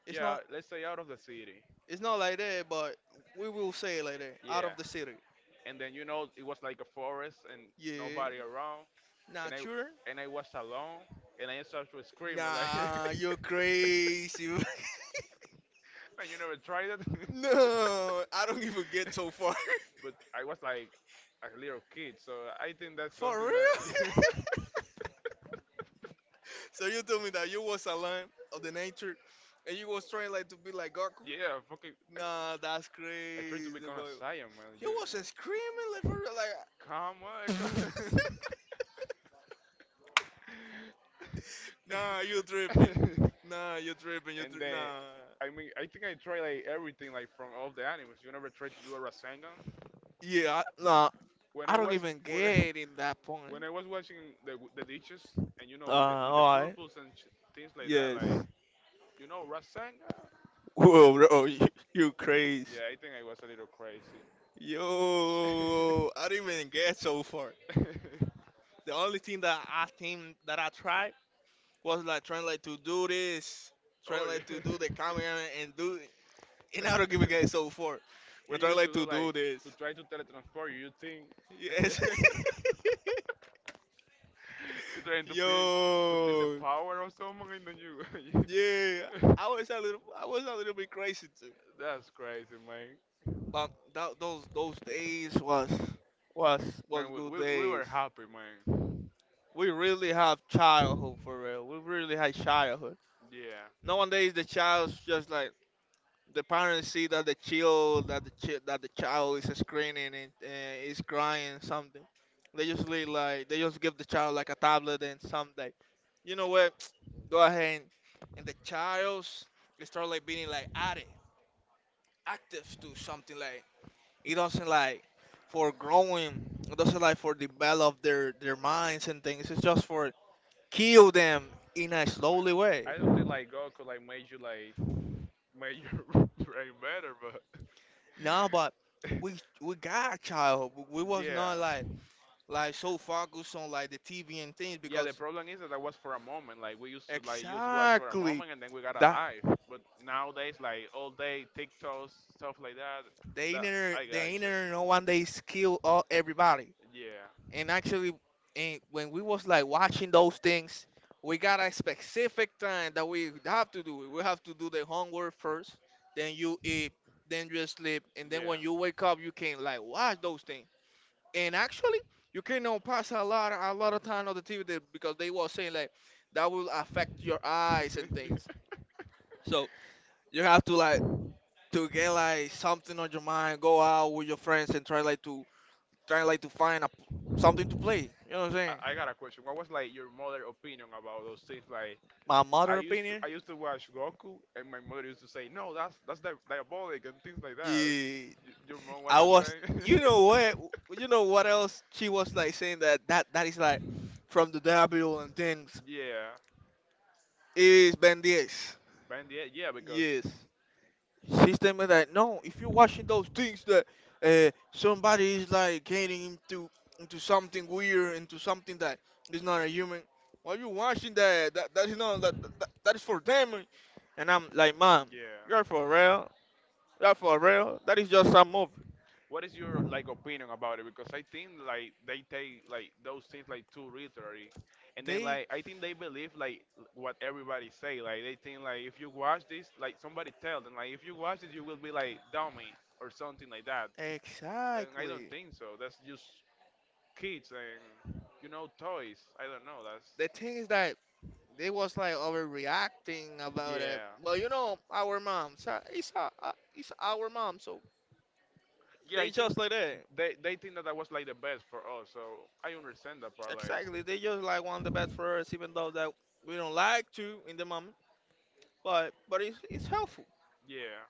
Speaker 2: It's
Speaker 1: Yeah,
Speaker 2: not
Speaker 1: let's say out of the city.
Speaker 2: It's not like that, but we will say it like that. Out of
Speaker 1: Yeah,
Speaker 2: the city.
Speaker 1: and then you know it was like a forest and
Speaker 2: Yeah.
Speaker 1: nobody around, and
Speaker 2: Not
Speaker 1: i
Speaker 2: sure?
Speaker 1: and i was alone, and I started screaming like.
Speaker 2: Nah, you're crazy.
Speaker 1: Man, you never tried it?
Speaker 2: No, I don't even get so far.
Speaker 1: But I was like a little kid, so I think that's
Speaker 2: For
Speaker 1: something
Speaker 2: real?
Speaker 1: that.
Speaker 2: So you told me that you was a lion of the nature, and you was trying like to be like Goku?
Speaker 1: Yeah, fucking i,
Speaker 2: Nah, that's
Speaker 1: I tried to
Speaker 2: crazy,
Speaker 1: become a
Speaker 2: but
Speaker 1: science man, you,
Speaker 2: you wasn't screaming like for real,
Speaker 1: come
Speaker 2: like.
Speaker 1: on.
Speaker 2: Nah, you tripping. Nah, you tripping. You
Speaker 1: And
Speaker 2: tri-
Speaker 1: then,
Speaker 2: nah.
Speaker 1: I mean, I think I tried like everything, like from all the animes. You never tried to do a Rasengan?
Speaker 2: Yeah, nah.
Speaker 1: When I
Speaker 2: I don't
Speaker 1: was
Speaker 2: even
Speaker 1: when I,
Speaker 2: get in that
Speaker 1: when
Speaker 2: point.
Speaker 1: I was watching the ditches, and you know, with
Speaker 2: Alright.
Speaker 1: purples and sh- things like that,
Speaker 2: Yes.
Speaker 1: like you know, Rasengan.
Speaker 2: Whoa, bro, you crazy.
Speaker 1: Yeah, I think I was a little crazy.
Speaker 2: Yo, I didn't even get so far. The only thing that I think that I tried was like trying like to do this, trying
Speaker 1: oh
Speaker 2: like to
Speaker 1: yeah.
Speaker 2: do the camera and do, and I don't even get so far. I'm
Speaker 1: what you
Speaker 2: trying
Speaker 1: used to
Speaker 2: like
Speaker 1: do,
Speaker 2: to
Speaker 1: like
Speaker 2: do this.
Speaker 1: to try to teletransport you, you
Speaker 2: Yes.
Speaker 1: think? You're trying to feel the
Speaker 2: Yo,
Speaker 1: power of someone in
Speaker 2: yeah,
Speaker 1: you.
Speaker 2: I was a little bit crazy too.
Speaker 1: That's crazy, man.
Speaker 2: But that, those days was
Speaker 1: Man,
Speaker 2: was
Speaker 1: we,
Speaker 2: good
Speaker 1: we, we were
Speaker 2: days.
Speaker 1: happy, man.
Speaker 2: We really have childhood for real. We really had childhood.
Speaker 1: Yeah.
Speaker 2: Nowadays the child's just like, the parents see that the child that the chi- that the child is screaming and is crying something. They usually like they just give the child like a tablet and something. You know what? Go ahead and the child's they start like being like addict, active to something like. It doesn't like for growing. It doesn't like for develop their minds and things. It's just for kill them in a
Speaker 1: Man,
Speaker 2: slowly way.
Speaker 1: I don't think like God could like made you like made your brain better, but
Speaker 2: No, but we got child. We was
Speaker 1: yeah.
Speaker 2: not like like so focused on like the TV and things
Speaker 1: Yeah, the
Speaker 2: because
Speaker 1: problem is that that was for a moment. Like we used to like use watch for a
Speaker 2: exactly
Speaker 1: moment and then we got
Speaker 2: that,
Speaker 1: alive. But nowadays, like all day TikToks, stuff like that.
Speaker 2: the
Speaker 1: That
Speaker 2: internet,
Speaker 1: I
Speaker 2: the
Speaker 1: got you.
Speaker 2: internet know when they kill all everybody.
Speaker 1: Yeah,
Speaker 2: And actually, and when we was like watching those things, we got a specific time that we have to do it, we have to do the homework first, then you eat, then you sleep, and then when
Speaker 1: yeah.
Speaker 2: you wake up you can like watch those things. And actually you cannot pass a lot of time on the TV there because they was saying like that will affect your eyes and things. So you have to like to get like something on your mind, go out with your friends and try like to find a, something to play, you know what I'm saying.
Speaker 1: I got a question. What was like your mother opinion about those things? Like
Speaker 2: My
Speaker 1: I
Speaker 2: mother
Speaker 1: used to
Speaker 2: opinion,
Speaker 1: I used to watch Goku and my mother used to say, "No, that's di- diabolic and things like that."
Speaker 2: you,
Speaker 1: Y- your mom was
Speaker 2: I
Speaker 1: the
Speaker 2: was, you
Speaker 1: same.
Speaker 2: know what, you know what else she was like saying, that that that is like from the devil and things,
Speaker 1: yeah.
Speaker 2: is bandits.
Speaker 1: But in the end, yeah, because
Speaker 2: Yes, she stated that no, if you're watching those things that somebody is like getting into something weird, into something that is not a human. Why you watching that? That is not that that, that is for them. And I'm like, mom, you're for real.
Speaker 1: yeah.
Speaker 2: You're for real. That is just some movie.
Speaker 1: What is your like opinion about it? Because I think like they take like those things like too literally, and then
Speaker 2: They.
Speaker 1: like I think they believe like what everybody say. Like they think like if you watch this, like somebody tell them like if you watch it, you will be like dummy or something like that. And I don't
Speaker 2: Exactly.
Speaker 1: think so. That's just kids and you know toys. I don't know. That's
Speaker 2: The thing is that they was like overreacting about it,
Speaker 1: yeah,
Speaker 2: but you know our mom, so it's our mom, so
Speaker 1: yeah. I
Speaker 2: they
Speaker 1: think
Speaker 2: just like that.
Speaker 1: they think that that was like the best for us. So I understand that part.
Speaker 2: Exactly,
Speaker 1: Like
Speaker 2: they just like want the best for us, even though that we don't like to in the moment. But it's helpful.
Speaker 1: yeah.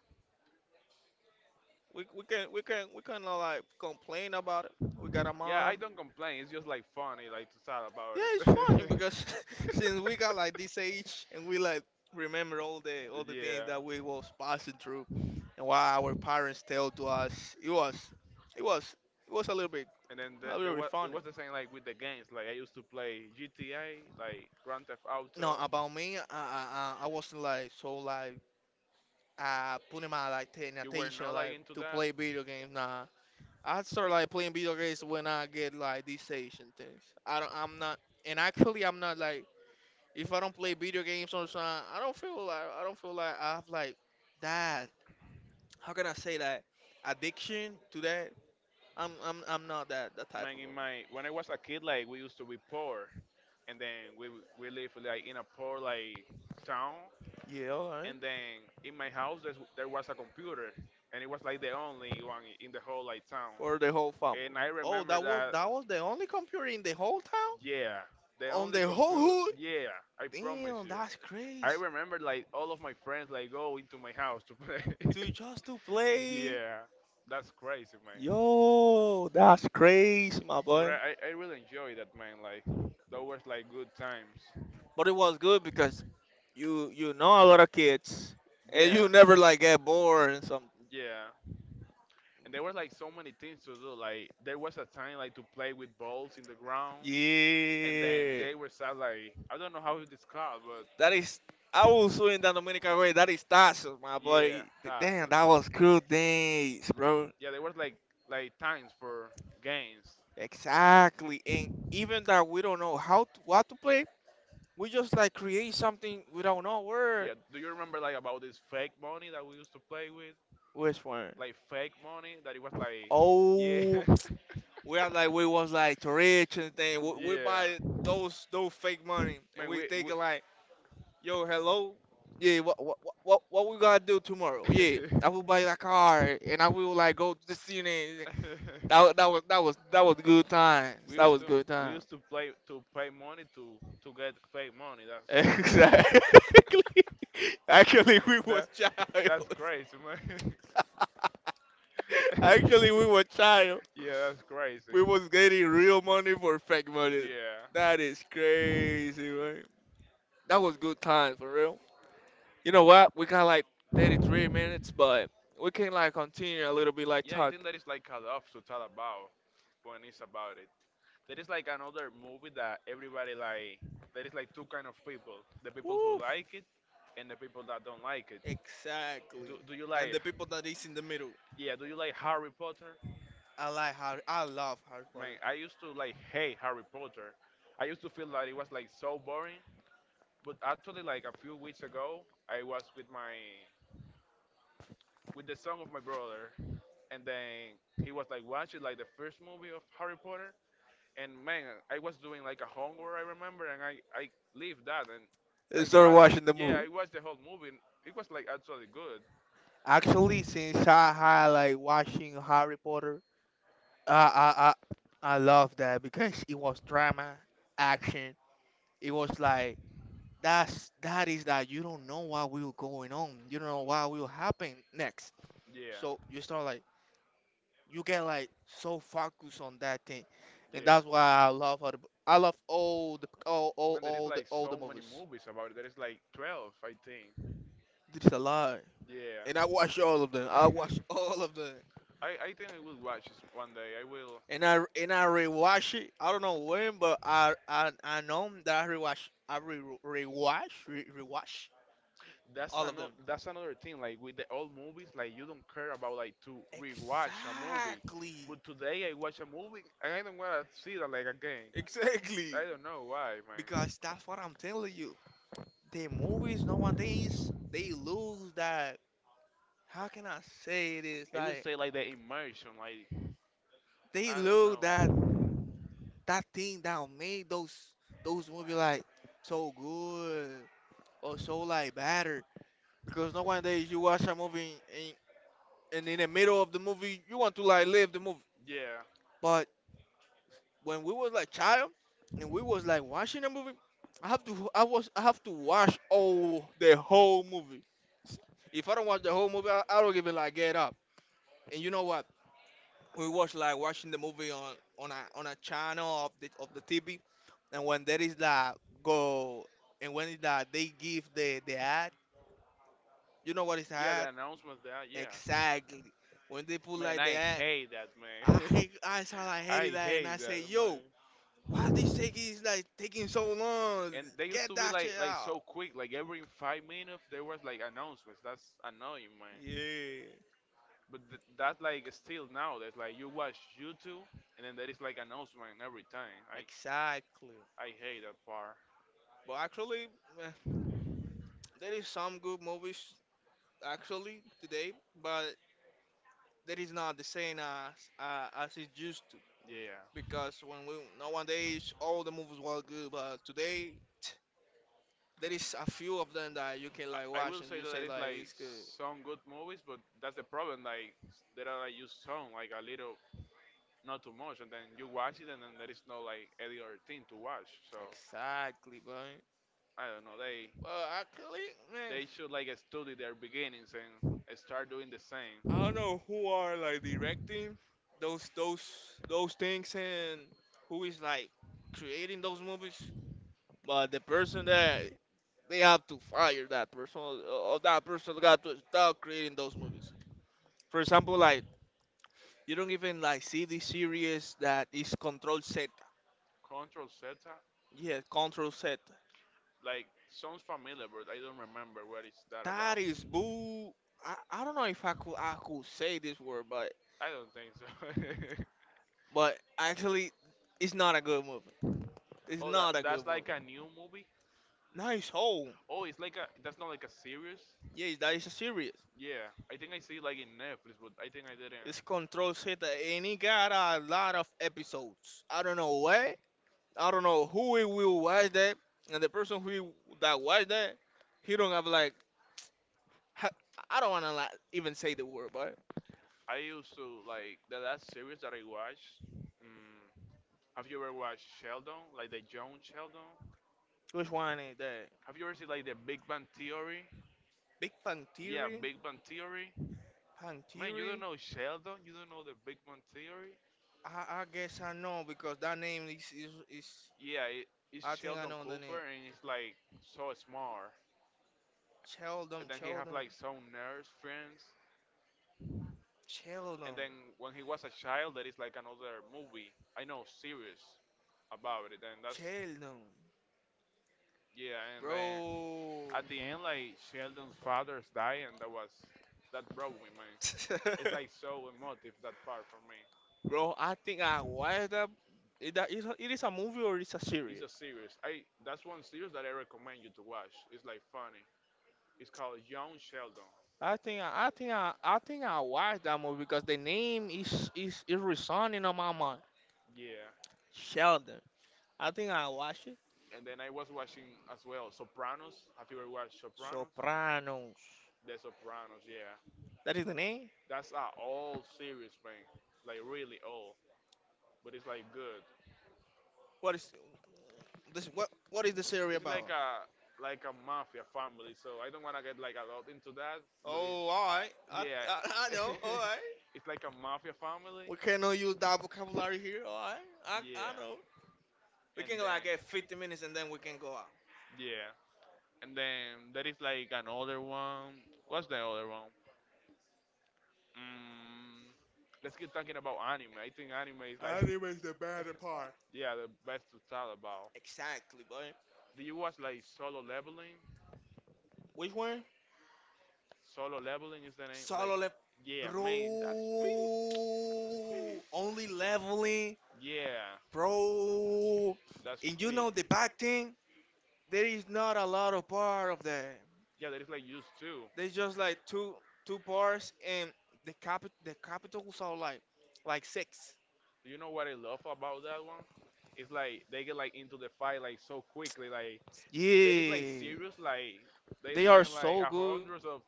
Speaker 2: We can we can we can like complain about it. We got a
Speaker 1: Yeah, I
Speaker 2: mom.
Speaker 1: don't complain. It's just like funny, like to talk about
Speaker 2: Yeah, it's funny
Speaker 1: it.
Speaker 2: because since we got like this age and we like remember all the things that we was
Speaker 1: yeah.
Speaker 2: passing through and what our parents tell to us, it was it was it was
Speaker 1: And then
Speaker 2: a
Speaker 1: there
Speaker 2: little bit
Speaker 1: was it
Speaker 2: funny.
Speaker 1: was the same like with the games. Like I used to play GTA, like Grand Theft
Speaker 2: No,
Speaker 1: Auto.
Speaker 2: about me, I I wasn't like so like putting my like ten
Speaker 1: You were
Speaker 2: attention
Speaker 1: not like
Speaker 2: like
Speaker 1: into
Speaker 2: to
Speaker 1: that.
Speaker 2: play video games. Nah, I started like playing video games when I get like this age and things. I'm not and actually I'm not like, if I don't play video games on time, I don't feel like I don't feel like I have like that. How can I say that? Addiction to that. I'm not that that type
Speaker 1: Man,
Speaker 2: of.
Speaker 1: in
Speaker 2: a-.
Speaker 1: my when I was a kid, like we used to be poor, and then we live like in a poor like town.
Speaker 2: Yeah, all right.
Speaker 1: And then in my house there was a computer, and it was like the only one in the whole like town,
Speaker 2: For the whole family.
Speaker 1: and I
Speaker 2: Oh,
Speaker 1: remember that
Speaker 2: that was the only computer in the whole town,
Speaker 1: yeah, the
Speaker 2: on
Speaker 1: only
Speaker 2: the whole
Speaker 1: computer,
Speaker 2: hood.
Speaker 1: yeah, I promise
Speaker 2: Damn,
Speaker 1: you.
Speaker 2: that's
Speaker 1: I
Speaker 2: crazy.
Speaker 1: remember like all of my friends like go into my house to play.
Speaker 2: To just to play.
Speaker 1: Yeah, that's crazy, man.
Speaker 2: Yo, that's crazy, my
Speaker 1: But
Speaker 2: boy.
Speaker 1: I really enjoy that, man, like those was like good times.
Speaker 2: But it was good because you know a lot of kids and
Speaker 1: Yeah,
Speaker 2: you never like get bored and some.
Speaker 1: yeah, and there was like so many things to do, like there was a time like to play with balls in the ground, and then
Speaker 2: Yeah,
Speaker 1: they were sad like I don't know how to describe, but
Speaker 2: that is. I was so in the Dominican way. That is tachos, my
Speaker 1: yeah,
Speaker 2: boy. Damn,
Speaker 1: tasks.
Speaker 2: that was cool days, bro.
Speaker 1: Yeah, there was like times for games.
Speaker 2: Exactly, and even that we don't know how to what to play, we just like create something, we don't know where.
Speaker 1: Yeah, do you remember like about this fake money that we used to play with?
Speaker 2: Which one?
Speaker 1: Like fake money that it was like yeah.
Speaker 2: Oh, we was like to rich and thing. We
Speaker 1: Yeah.
Speaker 2: buy those fake money and
Speaker 1: Man,
Speaker 2: we
Speaker 1: we
Speaker 2: take
Speaker 1: we.
Speaker 2: it like, yo, hello. Yeah, what we gonna do tomorrow? Yeah, I will buy a car and I will like go to the cine. That wa- that was that was that was good times.
Speaker 1: we
Speaker 2: That
Speaker 1: used
Speaker 2: was good
Speaker 1: we
Speaker 2: times.
Speaker 1: used to play to pay money to get fake money. That's
Speaker 2: Exactly. Actually, we were
Speaker 1: that
Speaker 2: child.
Speaker 1: that's crazy, man.
Speaker 2: Actually, we were child.
Speaker 1: yeah, that's crazy.
Speaker 2: We was getting real money for fake money.
Speaker 1: Yeah.
Speaker 2: That is crazy, right? That was good times for real. You know what? We got like 33 minutes, but we can like continue a little bit like
Speaker 1: Yeah, I
Speaker 2: talk.
Speaker 1: think that is like cut off to talk about when it's about it. There is like another movie that everybody like there is like two kind of people. The people who
Speaker 2: Oof.
Speaker 1: like it and the people that don't like it. Do
Speaker 2: Exactly.
Speaker 1: do you
Speaker 2: And
Speaker 1: like
Speaker 2: the people that is in the middle.
Speaker 1: yeah, do you like Harry Potter?
Speaker 2: I like Harry. I love Harry
Speaker 1: Man,
Speaker 2: Potter.
Speaker 1: I used to like hate Harry Potter. I used to feel that it was like so boring. But actually like a few weeks ago I was with my with the son of my brother, and then he was like watching like the first movie of Harry Potter, and man, I was doing like a homework I remember, and I leave that and
Speaker 2: I
Speaker 1: I
Speaker 2: started
Speaker 1: wa-
Speaker 2: watching the
Speaker 1: yeah,
Speaker 2: movie.
Speaker 1: I watched the whole movie. And it was like actually good.
Speaker 2: Actually, since I had like watching Harry Potter, I I I love that because it was drama, action. It was like that's that is that you don't know what will going on. You don't know what will happen next.
Speaker 1: Yeah,
Speaker 2: So you start like you get like so focused on that thing, and
Speaker 1: yeah.
Speaker 2: that's why I love all the I love
Speaker 1: And there is like
Speaker 2: all the
Speaker 1: so many
Speaker 2: movies.
Speaker 1: movies about it. There is like 12, I think.
Speaker 2: It's a lie, and I
Speaker 1: Yeah.
Speaker 2: watch all of them. I watch all of them,
Speaker 1: I think I will watch this one day. I will
Speaker 2: and I rewatch it. I don't know when, but I I know that I rewatch, I rewatch all of them.
Speaker 1: that's another thing like with the old movies, like you don't care about like to rewatch a movie,
Speaker 2: Exactly,
Speaker 1: but today I watch a movie and I don't want to see that like again.
Speaker 2: exactly,
Speaker 1: I don't know why, man.
Speaker 2: because that's what I'm telling you. The movies nowadays they lose that, how can I say this?
Speaker 1: I would
Speaker 2: Like,
Speaker 1: say like the immersion, like
Speaker 2: they
Speaker 1: I don't
Speaker 2: look that,
Speaker 1: know.
Speaker 2: that thing that made those movies like so good or so like better, because nowadays you watch a movie and, and in the middle of the movie you want to like leave the movie.
Speaker 1: Yeah,
Speaker 2: But when we was like child and we was like watching the movie, I was I have to watch all the whole movie. If I don't watch the whole movie, I don't even like get up. And you know what? We was like watching the movie on a channel of the TV, and when there is that go, and when is that they give the ad, you know what is
Speaker 1: yeah, the
Speaker 2: ad?
Speaker 1: announcement, that yeah,
Speaker 2: Exactly. When they put
Speaker 1: man,
Speaker 2: like
Speaker 1: I
Speaker 2: the ad,
Speaker 1: hate that, man.
Speaker 2: I sound like hated
Speaker 1: I
Speaker 2: that, and I
Speaker 1: hate that,
Speaker 2: say, yo, why this
Speaker 1: man,
Speaker 2: taking is like taking so long?
Speaker 1: and they used
Speaker 2: Get
Speaker 1: to be
Speaker 2: that shit
Speaker 1: like
Speaker 2: out.
Speaker 1: so quick, like every 5 minutes there was like announcements, that's annoying, man.
Speaker 2: Yeah,
Speaker 1: But th- that like still now, that's like you watch YouTube and then there is like announcement every time.
Speaker 2: exactly.
Speaker 1: I hate that part.
Speaker 2: But actually, eh, there is some good movies actually today, but that is not the same as it used to,
Speaker 1: Yeah,
Speaker 2: because when we nowadays all the movies were good, but today there is a few of them that you can like
Speaker 1: I
Speaker 2: watch
Speaker 1: will
Speaker 2: and
Speaker 1: say
Speaker 2: you
Speaker 1: that there
Speaker 2: say
Speaker 1: is
Speaker 2: like
Speaker 1: like
Speaker 2: it's good,
Speaker 1: some good movies, but that's the problem, like there are like just some like a little not too much, and then you watch it and then there is no like any other thing to watch. So
Speaker 2: exactly, but
Speaker 1: I don't know, they
Speaker 2: well actually, man,
Speaker 1: should like study their beginnings and start doing the
Speaker 2: I
Speaker 1: same.
Speaker 2: don't know who are like directing those those things and who is like creating those movies, but the person that they have to fire that person or that person got to stop creating those movies. For example like, you don't even like see the series that is Control Z.
Speaker 1: Control Zeta?
Speaker 2: Yeah, Control Z.
Speaker 1: Like, sounds familiar, but I don't remember what is that
Speaker 2: That
Speaker 1: about.
Speaker 2: is boo. I don't know if I could say this word, but
Speaker 1: I don't think so.
Speaker 2: but actually, it's not a good movie. It's
Speaker 1: oh, that
Speaker 2: not a good
Speaker 1: that's
Speaker 2: movie.
Speaker 1: like a new movie.
Speaker 2: Nice hole.
Speaker 1: Oh, it's like a that's not like a series.
Speaker 2: Yes, that is a series.
Speaker 1: Yeah, I think I see it like in Netflix, but I think I didn't.
Speaker 2: It's Control Z, and it got a lot of episodes. I don't know why. I don't know who it will watch that, and the person who that watch that, he don't have like. ha- I don't wanna like even say the word, but
Speaker 1: I used to like the last series that I watched. Mm, have you ever watched Sheldon? Like the John Sheldon?
Speaker 2: which one is that?
Speaker 1: Have you ever seen like the Big Bang Theory?
Speaker 2: Big
Speaker 1: Yeah,
Speaker 2: Pantiri?
Speaker 1: Big Bang Theory. Man, you don't
Speaker 2: Pantiri?
Speaker 1: know Sheldon? You don't know the Big Bang Theory?
Speaker 2: I guess I know because that name is
Speaker 1: Yeah, it's
Speaker 2: I think I
Speaker 1: Sheldon
Speaker 2: know the
Speaker 1: Cooper,
Speaker 2: name.
Speaker 1: and he's like so smart.
Speaker 2: Sheldon,
Speaker 1: And then he have like
Speaker 2: Sheldon,
Speaker 1: some nurse friends. And
Speaker 2: Sheldon,
Speaker 1: then when he was a child, there is like another movie, I know, series about it. And that's
Speaker 2: Sheldon,
Speaker 1: yeah. And then
Speaker 2: bro.
Speaker 1: at the end, like Sheldon's father's die, and that broke me, man. It's like so emotive that part for me.
Speaker 2: Bro, I think I watched that. It, that is a, it is a movie or it's a
Speaker 1: It's a
Speaker 2: series.
Speaker 1: series. I That's one series that I recommend you to watch. It's like funny. It's called Young Sheldon.
Speaker 2: I think I watched that movie because the name is resonating on my mind.
Speaker 1: Yeah.
Speaker 2: Sheldon. I think I watched it.
Speaker 1: And then I was watching as well Sopranos. Have you ever watched Sopranos?
Speaker 2: Sopranos.
Speaker 1: The Sopranos, yeah.
Speaker 2: That is the name.
Speaker 1: That's a old series, man. Like really old, but it's like good.
Speaker 2: What is this? What is the series
Speaker 1: It's like
Speaker 2: about?
Speaker 1: a like a mafia family, so I don't wanna get like a lot into that, but it's
Speaker 2: Oh, all right. I
Speaker 1: yeah.
Speaker 2: I, I know. All right.
Speaker 1: It's like a mafia family,
Speaker 2: We cannot use that vocabulary here. All right. I
Speaker 1: yeah.
Speaker 2: know. We
Speaker 1: And
Speaker 2: can like
Speaker 1: then
Speaker 2: get 50 minutes and then we can go out.
Speaker 1: yeah, and then there is like another one. What's the other one? Mm, let's keep talking about anime. I think anime is like,
Speaker 2: Anime's the better part.
Speaker 1: yeah, the best to talk about.
Speaker 2: Exactly, boy.
Speaker 1: Do you watch like Solo Leveling?
Speaker 2: Which one?
Speaker 1: Solo Leveling is the name. Like,
Speaker 2: Solo level,
Speaker 1: yeah, man, that's big.
Speaker 2: bro. Only leveling,
Speaker 1: Yeah,
Speaker 2: bro.
Speaker 1: that's
Speaker 2: And you
Speaker 1: big.
Speaker 2: know the bad thing, there is not a lot of part of that.
Speaker 1: Yeah, that is like used to.
Speaker 2: They just like two bars and the capitals are like six.
Speaker 1: You know what I love about that one? It's like they get like into the fight like so quickly. Like that is like
Speaker 2: Yeah,
Speaker 1: serious. Like they
Speaker 2: they are
Speaker 1: spend like
Speaker 2: so
Speaker 1: a
Speaker 2: good.
Speaker 1: hundreds of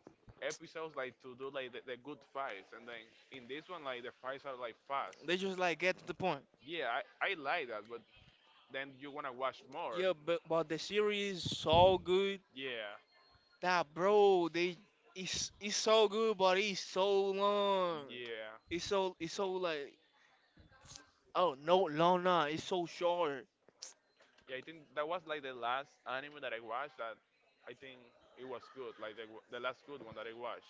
Speaker 1: episodes like to do like the good fights, and then in this one like the fights are like fast.
Speaker 2: They just like get to the point.
Speaker 1: Yeah, I like that, but then you wanna watch more.
Speaker 2: Yeah, but the series is so good
Speaker 1: Yeah.
Speaker 2: that bro, they it's so good, but it's so long.
Speaker 1: Yeah,
Speaker 2: It's so like oh no long nah, it's so short.
Speaker 1: yeah. I think that was like the last anime that I watched. That I think it was good, like the last good one that I watched.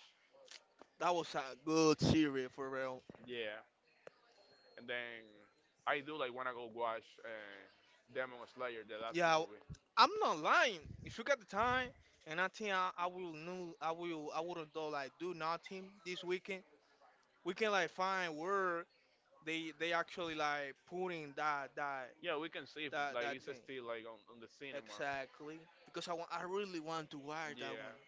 Speaker 2: That was a good series for real.
Speaker 1: Yeah. And then I do like wanna go watch Demon Slayer, the last
Speaker 2: Yeah,
Speaker 1: movie.
Speaker 2: I'm not lying. If you got the time, and I think I will know, I will, I wouldn't do like do nothing this weekend. We can like find where they actually like putting that that
Speaker 1: Yeah, we can see if
Speaker 2: that
Speaker 1: like
Speaker 2: that
Speaker 1: it's
Speaker 2: thing
Speaker 1: still like on the cinema.
Speaker 2: exactly because I really want to watch that
Speaker 1: Yeah,
Speaker 2: one.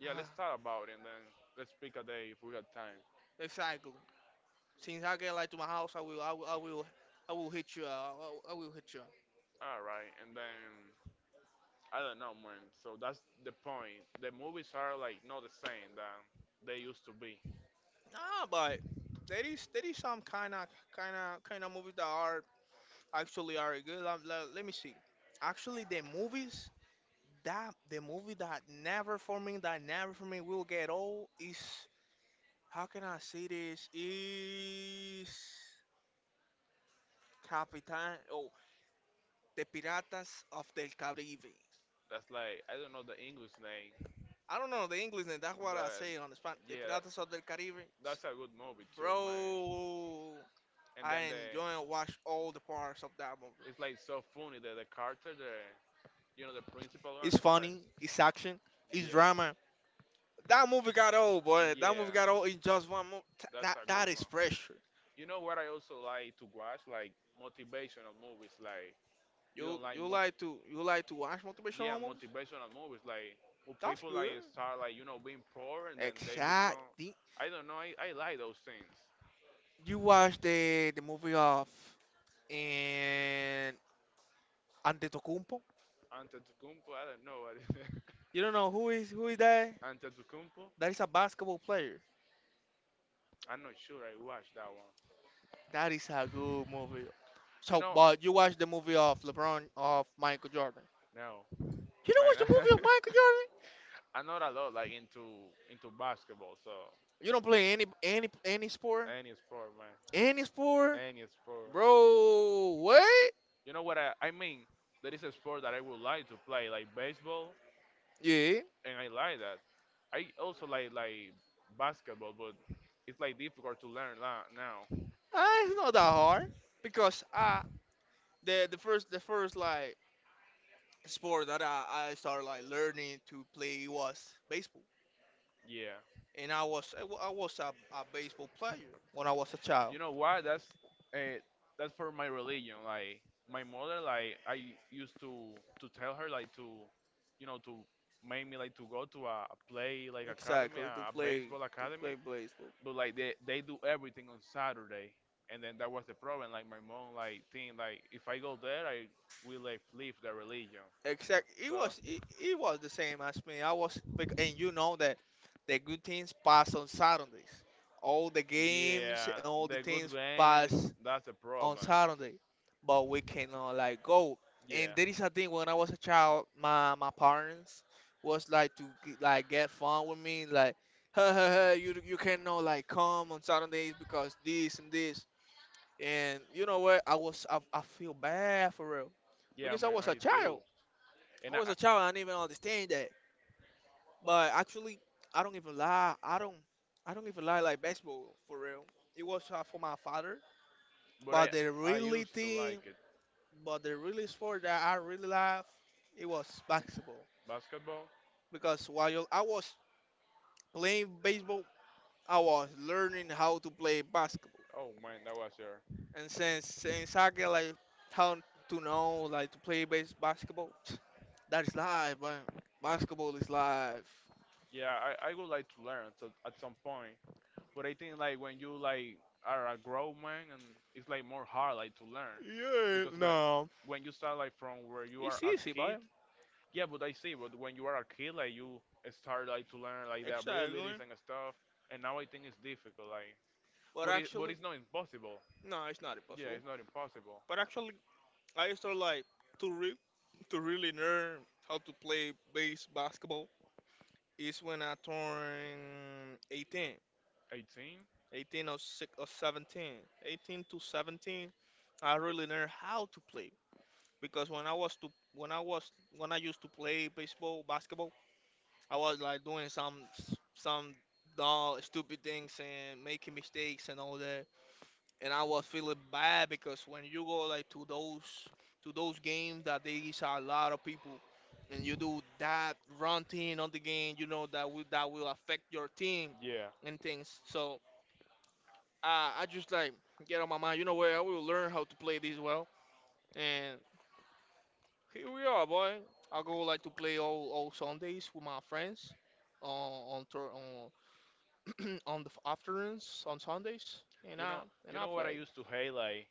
Speaker 1: yeah. Let's
Speaker 2: Ah,
Speaker 1: talk about it and then let's pick a day if we got time.
Speaker 2: exactly. Since I get like to my house, I will hit you up. I will hit you up.
Speaker 1: All right, and then I don't know, man. So that's the point. The movies are like not the same that they used to be.
Speaker 2: Nah, but there is some kind of movies that are actually are good. Let me see. Actually, the movies that the movie that never for me will get old is how can I say this is Capitan, oh, the Piratas of del Caribe.
Speaker 1: That's like I don't know the English name,
Speaker 2: I don't know the English name. That's what I say on the
Speaker 1: but
Speaker 2: Spanish. The
Speaker 1: yeah, that,
Speaker 2: Piratas of del Caribe,
Speaker 1: that's a good movie too, man.
Speaker 2: bro.
Speaker 1: And
Speaker 2: I
Speaker 1: then the
Speaker 2: enjoy and watch all the parts of that movie.
Speaker 1: It's like so funny that the character, the principal one
Speaker 2: It's
Speaker 1: is like,
Speaker 2: funny. It's action. It's
Speaker 1: yeah,
Speaker 2: drama. That movie got old, boy. That movie
Speaker 1: yeah,
Speaker 2: got old in just one movie.
Speaker 1: that's
Speaker 2: That
Speaker 1: a
Speaker 2: that
Speaker 1: good
Speaker 2: is
Speaker 1: one.
Speaker 2: pressure.
Speaker 1: You know what I also like to watch, like motivational movies, like you don't
Speaker 2: You
Speaker 1: like,
Speaker 2: you like to you like to watch
Speaker 1: yeah,
Speaker 2: motivational movies?
Speaker 1: motivational movies, like where
Speaker 2: That's
Speaker 1: people like
Speaker 2: good.
Speaker 1: start like being poor and then they become,
Speaker 2: Exactly.
Speaker 1: I don't know, I like those things.
Speaker 2: You watch the movie of and Antetokounmpo.
Speaker 1: Antetokounmpo, I don't know what is it.
Speaker 2: You don't know who is that?
Speaker 1: Antetokounmpo,
Speaker 2: That is a basketball player.
Speaker 1: I'm not sure I watched that one.
Speaker 2: That is a good movie.
Speaker 1: You
Speaker 2: So,
Speaker 1: know,
Speaker 2: but you watch the movie of LeBron, of Michael Jordan.
Speaker 1: no,
Speaker 2: You don't watch the
Speaker 1: man.
Speaker 2: movie of Michael Jordan?
Speaker 1: I'm not a lot like into basketball, so
Speaker 2: You don't play any sport?
Speaker 1: any sport, man,
Speaker 2: Any sport?
Speaker 1: any sport.
Speaker 2: Bro, wait.
Speaker 1: You know what I mean? There is a sport that I would like to play, like baseball,
Speaker 2: Yeah.
Speaker 1: and I like that. I also like basketball, but it's like difficult to learn that now.
Speaker 2: Ah, it's not that hard because I the first like sport that I started like learning to play was baseball.
Speaker 1: Yeah.
Speaker 2: And I was I was a baseball player when I was a child.
Speaker 1: You know what? Uh, that's for my religion. Like my mother, like I used to tell her like to, to make me like to go to a play like academy,
Speaker 2: Exactly,
Speaker 1: a baseball
Speaker 2: to play
Speaker 1: academy.
Speaker 2: baseball.
Speaker 1: But like they do everything on Saturday, and then that was the problem. Like my mom like think like if I go there, I will like leave the religion.
Speaker 2: Exact. It
Speaker 1: So.
Speaker 2: was it was the same as me. And you know that the good things pass on Saturdays. All the games and
Speaker 1: Yeah,
Speaker 2: all the
Speaker 1: the good
Speaker 2: things
Speaker 1: games,
Speaker 2: pass
Speaker 1: that's a
Speaker 2: on
Speaker 1: problem.
Speaker 2: Saturday, but we cannot like go. And
Speaker 1: Yeah,
Speaker 2: there is a thing when I was a child, my parents was like to like get fun with me, like hey, hey, hey, you cannot like come on Saturdays because this and this. And you know what? I was I feel bad for real
Speaker 1: yeah,
Speaker 2: because I
Speaker 1: man,
Speaker 2: was a
Speaker 1: I do.
Speaker 2: child. I
Speaker 1: And I,
Speaker 2: was a child. I didn't even understand that. But actually, I don't even lie. I don't even lie like baseball for real. It was for my father,
Speaker 1: but I,
Speaker 2: but the
Speaker 1: I used to
Speaker 2: reality
Speaker 1: like it.
Speaker 2: but the really sport that I really love, it was basketball.
Speaker 1: Basketball?
Speaker 2: Because while I was playing baseball, I was learning how to play basketball.
Speaker 1: Oh man, that was here.
Speaker 2: And since I get like how to know like to play base basketball, that is life, man. Basketball is life.
Speaker 1: Yeah, I would like to learn at some point. But I think like when you like are a grown man and it's like more hard like to learn
Speaker 2: Yeah,
Speaker 1: because when
Speaker 2: no,
Speaker 1: when you start like from where you are
Speaker 2: it's
Speaker 1: a
Speaker 2: easy,
Speaker 1: kid.
Speaker 2: man.
Speaker 1: Yeah, but I see. But when you are a kid, like you start like to learn like the abilities
Speaker 2: Exactly.
Speaker 1: and stuff, and now I think it's difficult. Like,
Speaker 2: But
Speaker 1: but it but
Speaker 2: actually,
Speaker 1: it's not impossible.
Speaker 2: no, it's not
Speaker 1: Yeah,
Speaker 2: impossible.
Speaker 1: it's not impossible.
Speaker 2: But actually, I started like to re to really learn how to play base basketball. It's when I turned 18,
Speaker 1: 18.
Speaker 2: 18 or, six, or 17, 18 to 17. I really learned how to play because when I was to when I used to play baseball, basketball, I was like doing some some dumb, stupid things and making mistakes and all that and I was feeling bad because when you go like to those games that there is a lot of people and you do that running on the game, you know that will affect your team
Speaker 1: Yeah,
Speaker 2: and things. So I just like get on my mind, you know where I will learn how to play this well, and here we are, boy. I go like to play all Sundays with my friends on tour, on on the afternoons on Sundays and
Speaker 1: you know, you
Speaker 2: I
Speaker 1: know what I
Speaker 2: play.
Speaker 1: used to hate. Like,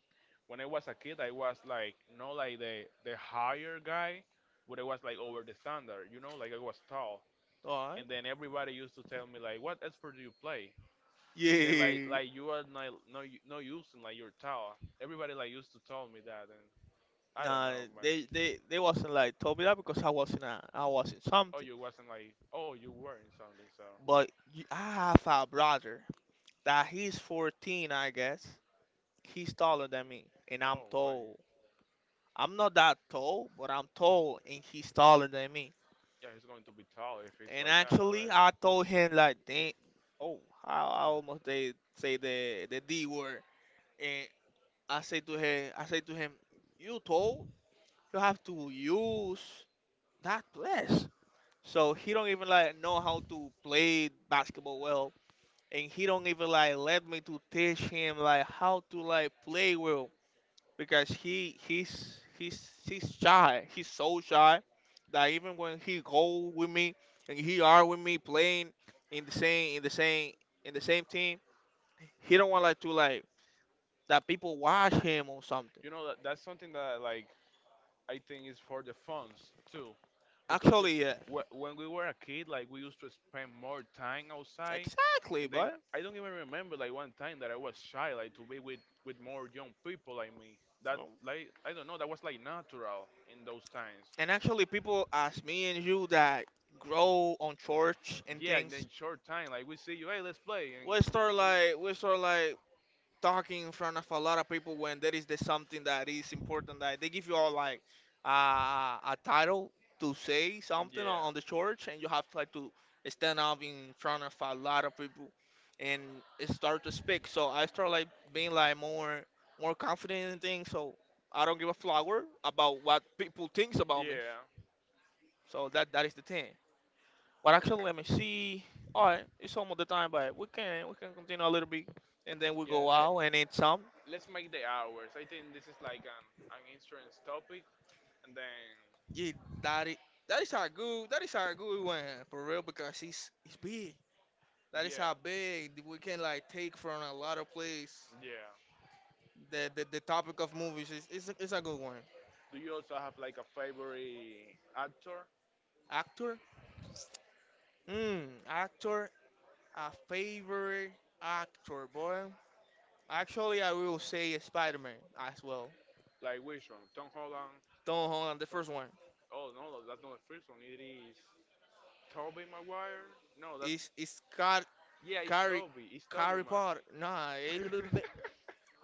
Speaker 1: when I was a kid, I was like not like the higher guy, but I was like over the standard. You know, like I was tall.
Speaker 2: All right.
Speaker 1: And then everybody used to tell me like, "What sport do you play?" And then like
Speaker 2: Yeah.
Speaker 1: like you are not no using like your towel. Everybody like used to tell me that, and I don't
Speaker 2: Nah,
Speaker 1: know,
Speaker 2: they
Speaker 1: man.
Speaker 2: they they wasn't like told me that because I wasn't a, I wasn't
Speaker 1: Oh,
Speaker 2: something.
Speaker 1: you wasn't like oh you wearing something, so
Speaker 2: But you, I have a brother that he's 14, I guess. He's taller than me, and I'm
Speaker 1: oh man,
Speaker 2: tall. I'm not that tall, but I'm tall, and he's taller than me.
Speaker 1: yeah, he's going to be tall if it's
Speaker 2: And
Speaker 1: like that
Speaker 2: actually,
Speaker 1: already.
Speaker 2: I told him like, "Dang, oh, I almost they say the D word." And I say to him, "You tall? You have to use that place. So he don't even like know how to play basketball well, and he don't even like let me to teach him like how to like play well because he's shy. He's so shy that even when he go with me and he are with me playing in the same team, he don't want like to like that people watch him or something.
Speaker 1: You know that that's something that like I think is for the funds too. Bec-
Speaker 2: Actually, yeah,
Speaker 1: When we were a kid, like we used to spend more time outside,
Speaker 2: exactly,
Speaker 1: and then
Speaker 2: but
Speaker 1: I don't even remember like one time that I was shy, like to be with more young people like me. That like I don't know, that was like natural in those times.
Speaker 2: and actually people ask me and you that grow on church and
Speaker 1: Yeah, and then
Speaker 2: things
Speaker 1: short time, like we see you, hey, let's play, and
Speaker 2: we start like talking in front of a lot of people when there is the something that is important that they give you all like a title to say something
Speaker 1: yeah,
Speaker 2: on the church and you have to like to stand up in front of a lot of people and start to speak so I start like being like more confident in things so I don't give a flower about what people thinks about me
Speaker 1: yeah,
Speaker 2: so that is the thing, but actually, let me see. All right, it's almost the time, but we can continue a little bit, and then we
Speaker 1: yeah.
Speaker 2: go
Speaker 1: Let,
Speaker 2: out and eat some.
Speaker 1: let's make the hours. I think this is like an insurance topic, and then
Speaker 2: Yeah, that is that is a good one for real because it's big. That is
Speaker 1: yeah,
Speaker 2: how big we can like take from a lot of place.
Speaker 1: yeah.
Speaker 2: The the topic of movies is it's a good one.
Speaker 1: Do you also have like a favorite actor?
Speaker 2: Actor, mm, actor, a favorite actor, boy. Actually, I will say Spider Man as well.
Speaker 1: Like which one? Tom Holland?
Speaker 2: Tom Holland, the first one.
Speaker 1: Oh no, no, that's not the first one. It is Tobey Maguire. No, that's
Speaker 2: It's got
Speaker 1: yeah, it's
Speaker 2: Harry,
Speaker 1: Toby. It's Toby
Speaker 2: Harry Potter. Nah,
Speaker 1: Maguire.
Speaker 2: it-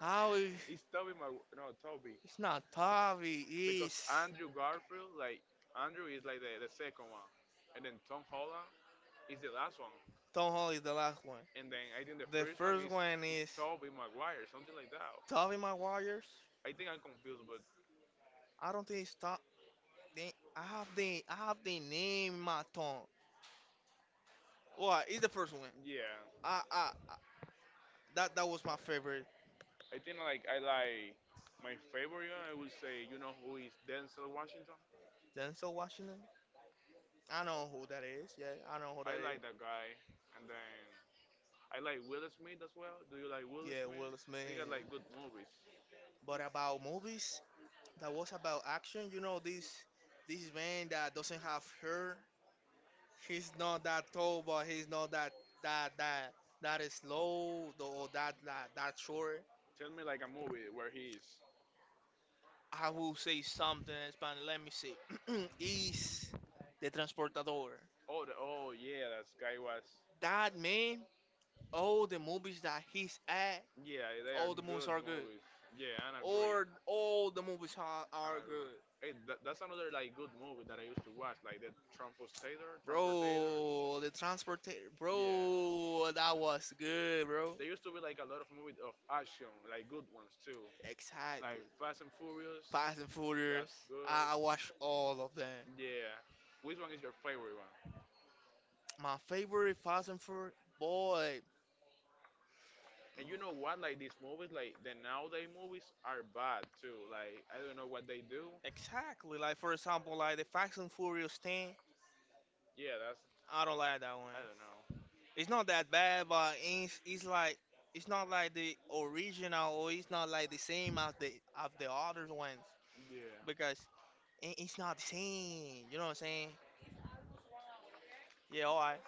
Speaker 2: how is
Speaker 1: It's Toby Maguire. No, Toby.
Speaker 2: it's not Tavi.
Speaker 1: Because
Speaker 2: It's
Speaker 1: Andrew Garfield, like Andrew is like the second one, and then Tom Holland is the last one,
Speaker 2: Tom Holly is the last one.
Speaker 1: and then I think the
Speaker 2: The
Speaker 1: first one
Speaker 2: first
Speaker 1: is
Speaker 2: one
Speaker 1: is
Speaker 2: is
Speaker 1: Toby Maguire, something like that.
Speaker 2: Toby Maguire's.
Speaker 1: I think I'm confused, but
Speaker 2: I don't think it's Tavi. I have the name in my tongue. What? It's the first one.
Speaker 1: yeah,
Speaker 2: I that that was my favorite.
Speaker 1: I think like I like my favorite one, I would say you know who is Denzel Washington.
Speaker 2: Denzel Washington. I know who that is. Yeah, I know who
Speaker 1: I
Speaker 2: that
Speaker 1: like
Speaker 2: is.
Speaker 1: that guy, and then I like Will Smith as well. Do you like Will
Speaker 2: Yeah,
Speaker 1: Smith?
Speaker 2: Will
Speaker 1: He got
Speaker 2: Smith.
Speaker 1: like good movies.
Speaker 2: But about movies, that was about action. You know this this man that doesn't have hair, he's not that tall, but he's not that that that that is slow or that that that short.
Speaker 1: Tell me like a movie where he is.
Speaker 2: I will say something in Spanish. Let me see. is the transportador.
Speaker 1: Oh, the, oh yeah, that guy was.
Speaker 2: That man, all the movies that he's at,
Speaker 1: Yeah, they are
Speaker 2: all the movies
Speaker 1: good
Speaker 2: are good.
Speaker 1: movies. Yeah, and I agree.
Speaker 2: Or all the movies
Speaker 1: And I
Speaker 2: are
Speaker 1: go, good.
Speaker 2: good.
Speaker 1: Hey, that's another like good movie that I used to watch, like the Trumpotator, Trumpertator.
Speaker 2: Bro, the transport
Speaker 1: Bro, yeah,
Speaker 2: bro,
Speaker 1: that
Speaker 2: that was good, bro.
Speaker 1: there used to be like a lot of movies of action, like good ones too, like
Speaker 2: Exactly.
Speaker 1: Fast and Furious.
Speaker 2: Fast and
Speaker 1: And that's
Speaker 2: Furious.
Speaker 1: good.
Speaker 2: I watched all of them.
Speaker 1: Them. Yeah, which one is your favorite one?
Speaker 2: My favorite Fast and Furious, boy,
Speaker 1: And you know what? Like these movies, like the nowadays movies are bad too. Like I don't know what they do,
Speaker 2: exactly. Like for example, like the Fast and Furious 10,
Speaker 1: yeah, that's
Speaker 2: I don't like that one.
Speaker 1: I don't know.
Speaker 2: It's not that bad, but it's like it's not like the original, or it's not like the same as the other ones
Speaker 1: Yeah,
Speaker 2: because it- it's not the same. You know what I'm saying? Yeah, alright.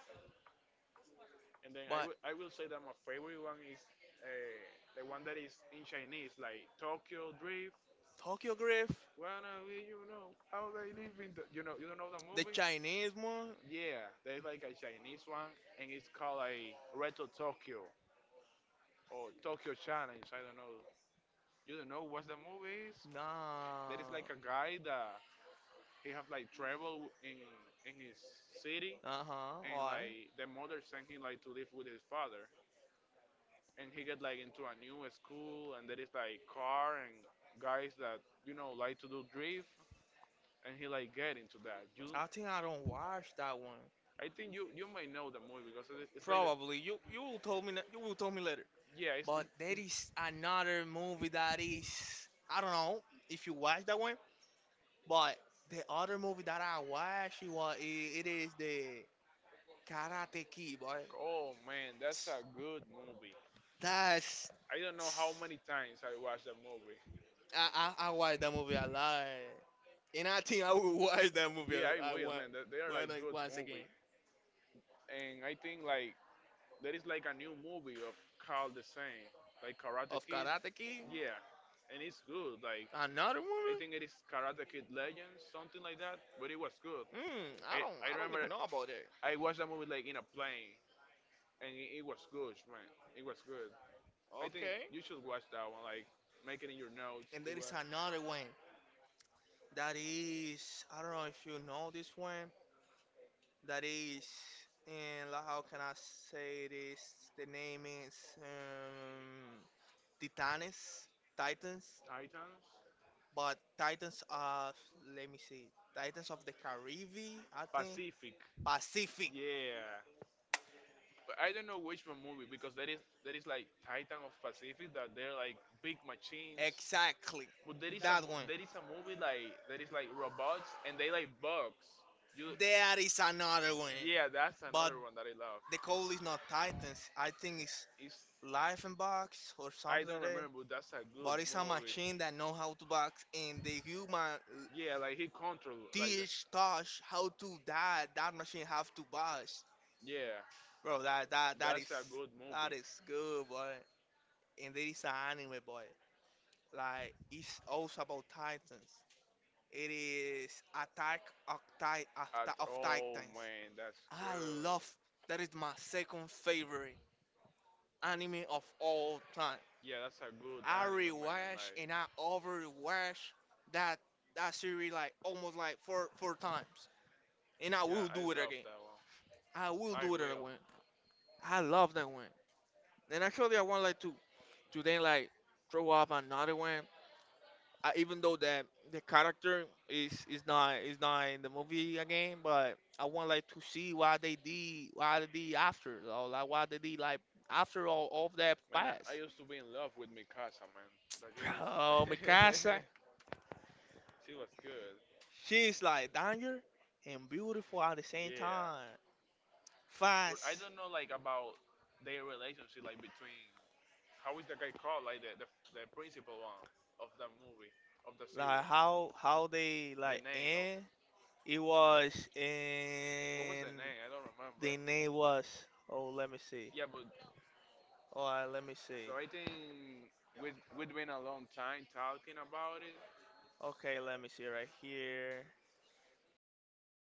Speaker 1: and then I
Speaker 2: But
Speaker 1: will I will say that my favorite one is the one that is in Chinese, like Tokyo Drift.
Speaker 2: Tokyo Drift,
Speaker 1: Wanna be, you know how they live in the you know you don't know the
Speaker 2: the
Speaker 1: movie.
Speaker 2: Chinese one,
Speaker 1: Yeah, there's like a Chinese one, and it's called like Retro Tokyo or Tokyo Challenge. I don't know. You don't know what the movie is? There is
Speaker 2: nah.
Speaker 1: like a guy that he have like travel in his city,
Speaker 2: Uh huh.
Speaker 1: and
Speaker 2: Alright.
Speaker 1: like the mother sent him like to live with his father, and he get like into a new school and there is like car and guys that you know like to do drift and he like get into that. You
Speaker 2: I think I don't watch that one.
Speaker 1: I think you might know the movie because it's like the,
Speaker 2: Probably you will told me you will tell me later.
Speaker 1: yeah
Speaker 2: But there
Speaker 1: it's
Speaker 2: is another movie that is I don't know if you watch that one, but the other movie that I watched it was it is the Karate Kid, boy.
Speaker 1: oh man that's a good movie.
Speaker 2: That's
Speaker 1: I don't know how many times I watched that movie.
Speaker 2: I watch that movie a lot, and I think I will watch that movie
Speaker 1: Yeah, I
Speaker 2: I
Speaker 1: will
Speaker 2: want
Speaker 1: man they are like good
Speaker 2: once again.
Speaker 1: movie. And I think like there is like a new movie of Carl the Same, like Karate
Speaker 2: Of
Speaker 1: Kid.
Speaker 2: Karate Kid,
Speaker 1: Yeah, and it's good. Like
Speaker 2: another
Speaker 1: I
Speaker 2: movie?
Speaker 1: think it is Karate Kid Legends, something like that. But it was good.
Speaker 2: Mm, I
Speaker 1: I
Speaker 2: don't
Speaker 1: I
Speaker 2: I don't even
Speaker 1: remember
Speaker 2: know about it.
Speaker 1: I watched that movie like in a plane, and it was good, man. It was good. I think
Speaker 2: Okay.
Speaker 1: you should watch that one. Like make it in your notes
Speaker 2: And
Speaker 1: to
Speaker 2: there is another one that is I don't know if you know this one, that is and like, how can I say this? The name is Titanes, Titans,
Speaker 1: Titans
Speaker 2: but Titans of let me see, Titans of the Caribbean, I think
Speaker 1: Pacific.
Speaker 2: Pacific,
Speaker 1: Yeah, but I don't know which one movie because there is like Titan of Pacific that they're like big machines.
Speaker 2: exactly
Speaker 1: But there is
Speaker 2: that one.
Speaker 1: a movie like that is like robots and they like bugs. You
Speaker 2: There is another one,
Speaker 1: Yeah, that's
Speaker 2: but
Speaker 1: another one that I love.
Speaker 2: the code is not Titans. I think it's
Speaker 1: It's
Speaker 2: Life and Box or something
Speaker 1: I
Speaker 2: like
Speaker 1: don't
Speaker 2: that.
Speaker 1: remember, but that's a good
Speaker 2: But it's a
Speaker 1: movie.
Speaker 2: machine that know how to box, and the human
Speaker 1: Yeah, like he control like
Speaker 2: Dish, Tosh, how to die, that machine have to bust.
Speaker 1: yeah.
Speaker 2: Bro, that is
Speaker 1: That's a good
Speaker 2: that
Speaker 1: movie.
Speaker 2: is good, boy. And there is an anime, boy. Like it's also about Titans. It is Attack of, Ti- of Ti-
Speaker 1: At
Speaker 2: of
Speaker 1: all,
Speaker 2: Titans.
Speaker 1: man. That's
Speaker 2: I
Speaker 1: good.
Speaker 2: love that is my second favorite anime of all time.
Speaker 1: Yeah, that's a good
Speaker 2: I
Speaker 1: anime, man.
Speaker 2: rewatch and
Speaker 1: Like,
Speaker 2: I overwatch that that series like almost like four times, and I
Speaker 1: yeah,
Speaker 2: will
Speaker 1: I
Speaker 2: do it
Speaker 1: love
Speaker 2: again.
Speaker 1: that one.
Speaker 2: I will
Speaker 1: I
Speaker 2: do it
Speaker 1: will.
Speaker 2: again. I love that one. And actually, I want like to then like throw up another one. I, even though that the character is not in the movie again, but I want like to see what they did, or like what they did like after all of that
Speaker 1: Man, I,
Speaker 2: past.
Speaker 1: I used to be in love with Mikasa, man. That girl
Speaker 2: Bro,
Speaker 1: is.
Speaker 2: Mikasa,
Speaker 1: She was good.
Speaker 2: she's like danger and beautiful at the same
Speaker 1: Yeah.
Speaker 2: time.
Speaker 1: But I
Speaker 2: Fast,
Speaker 1: don't know, like, about their relationship, like, between. How is the guy called? Like, the principal one of the movie, of the
Speaker 2: like
Speaker 1: series.
Speaker 2: how they like
Speaker 1: The name of.
Speaker 2: end. It was
Speaker 1: What was
Speaker 2: in
Speaker 1: the name? I don't
Speaker 2: the
Speaker 1: remember.
Speaker 2: name was. Oh, let me see.
Speaker 1: Yeah, but
Speaker 2: All right, let me see.
Speaker 1: so I think we've been a long time talking about it,
Speaker 2: Okay, let me see right here.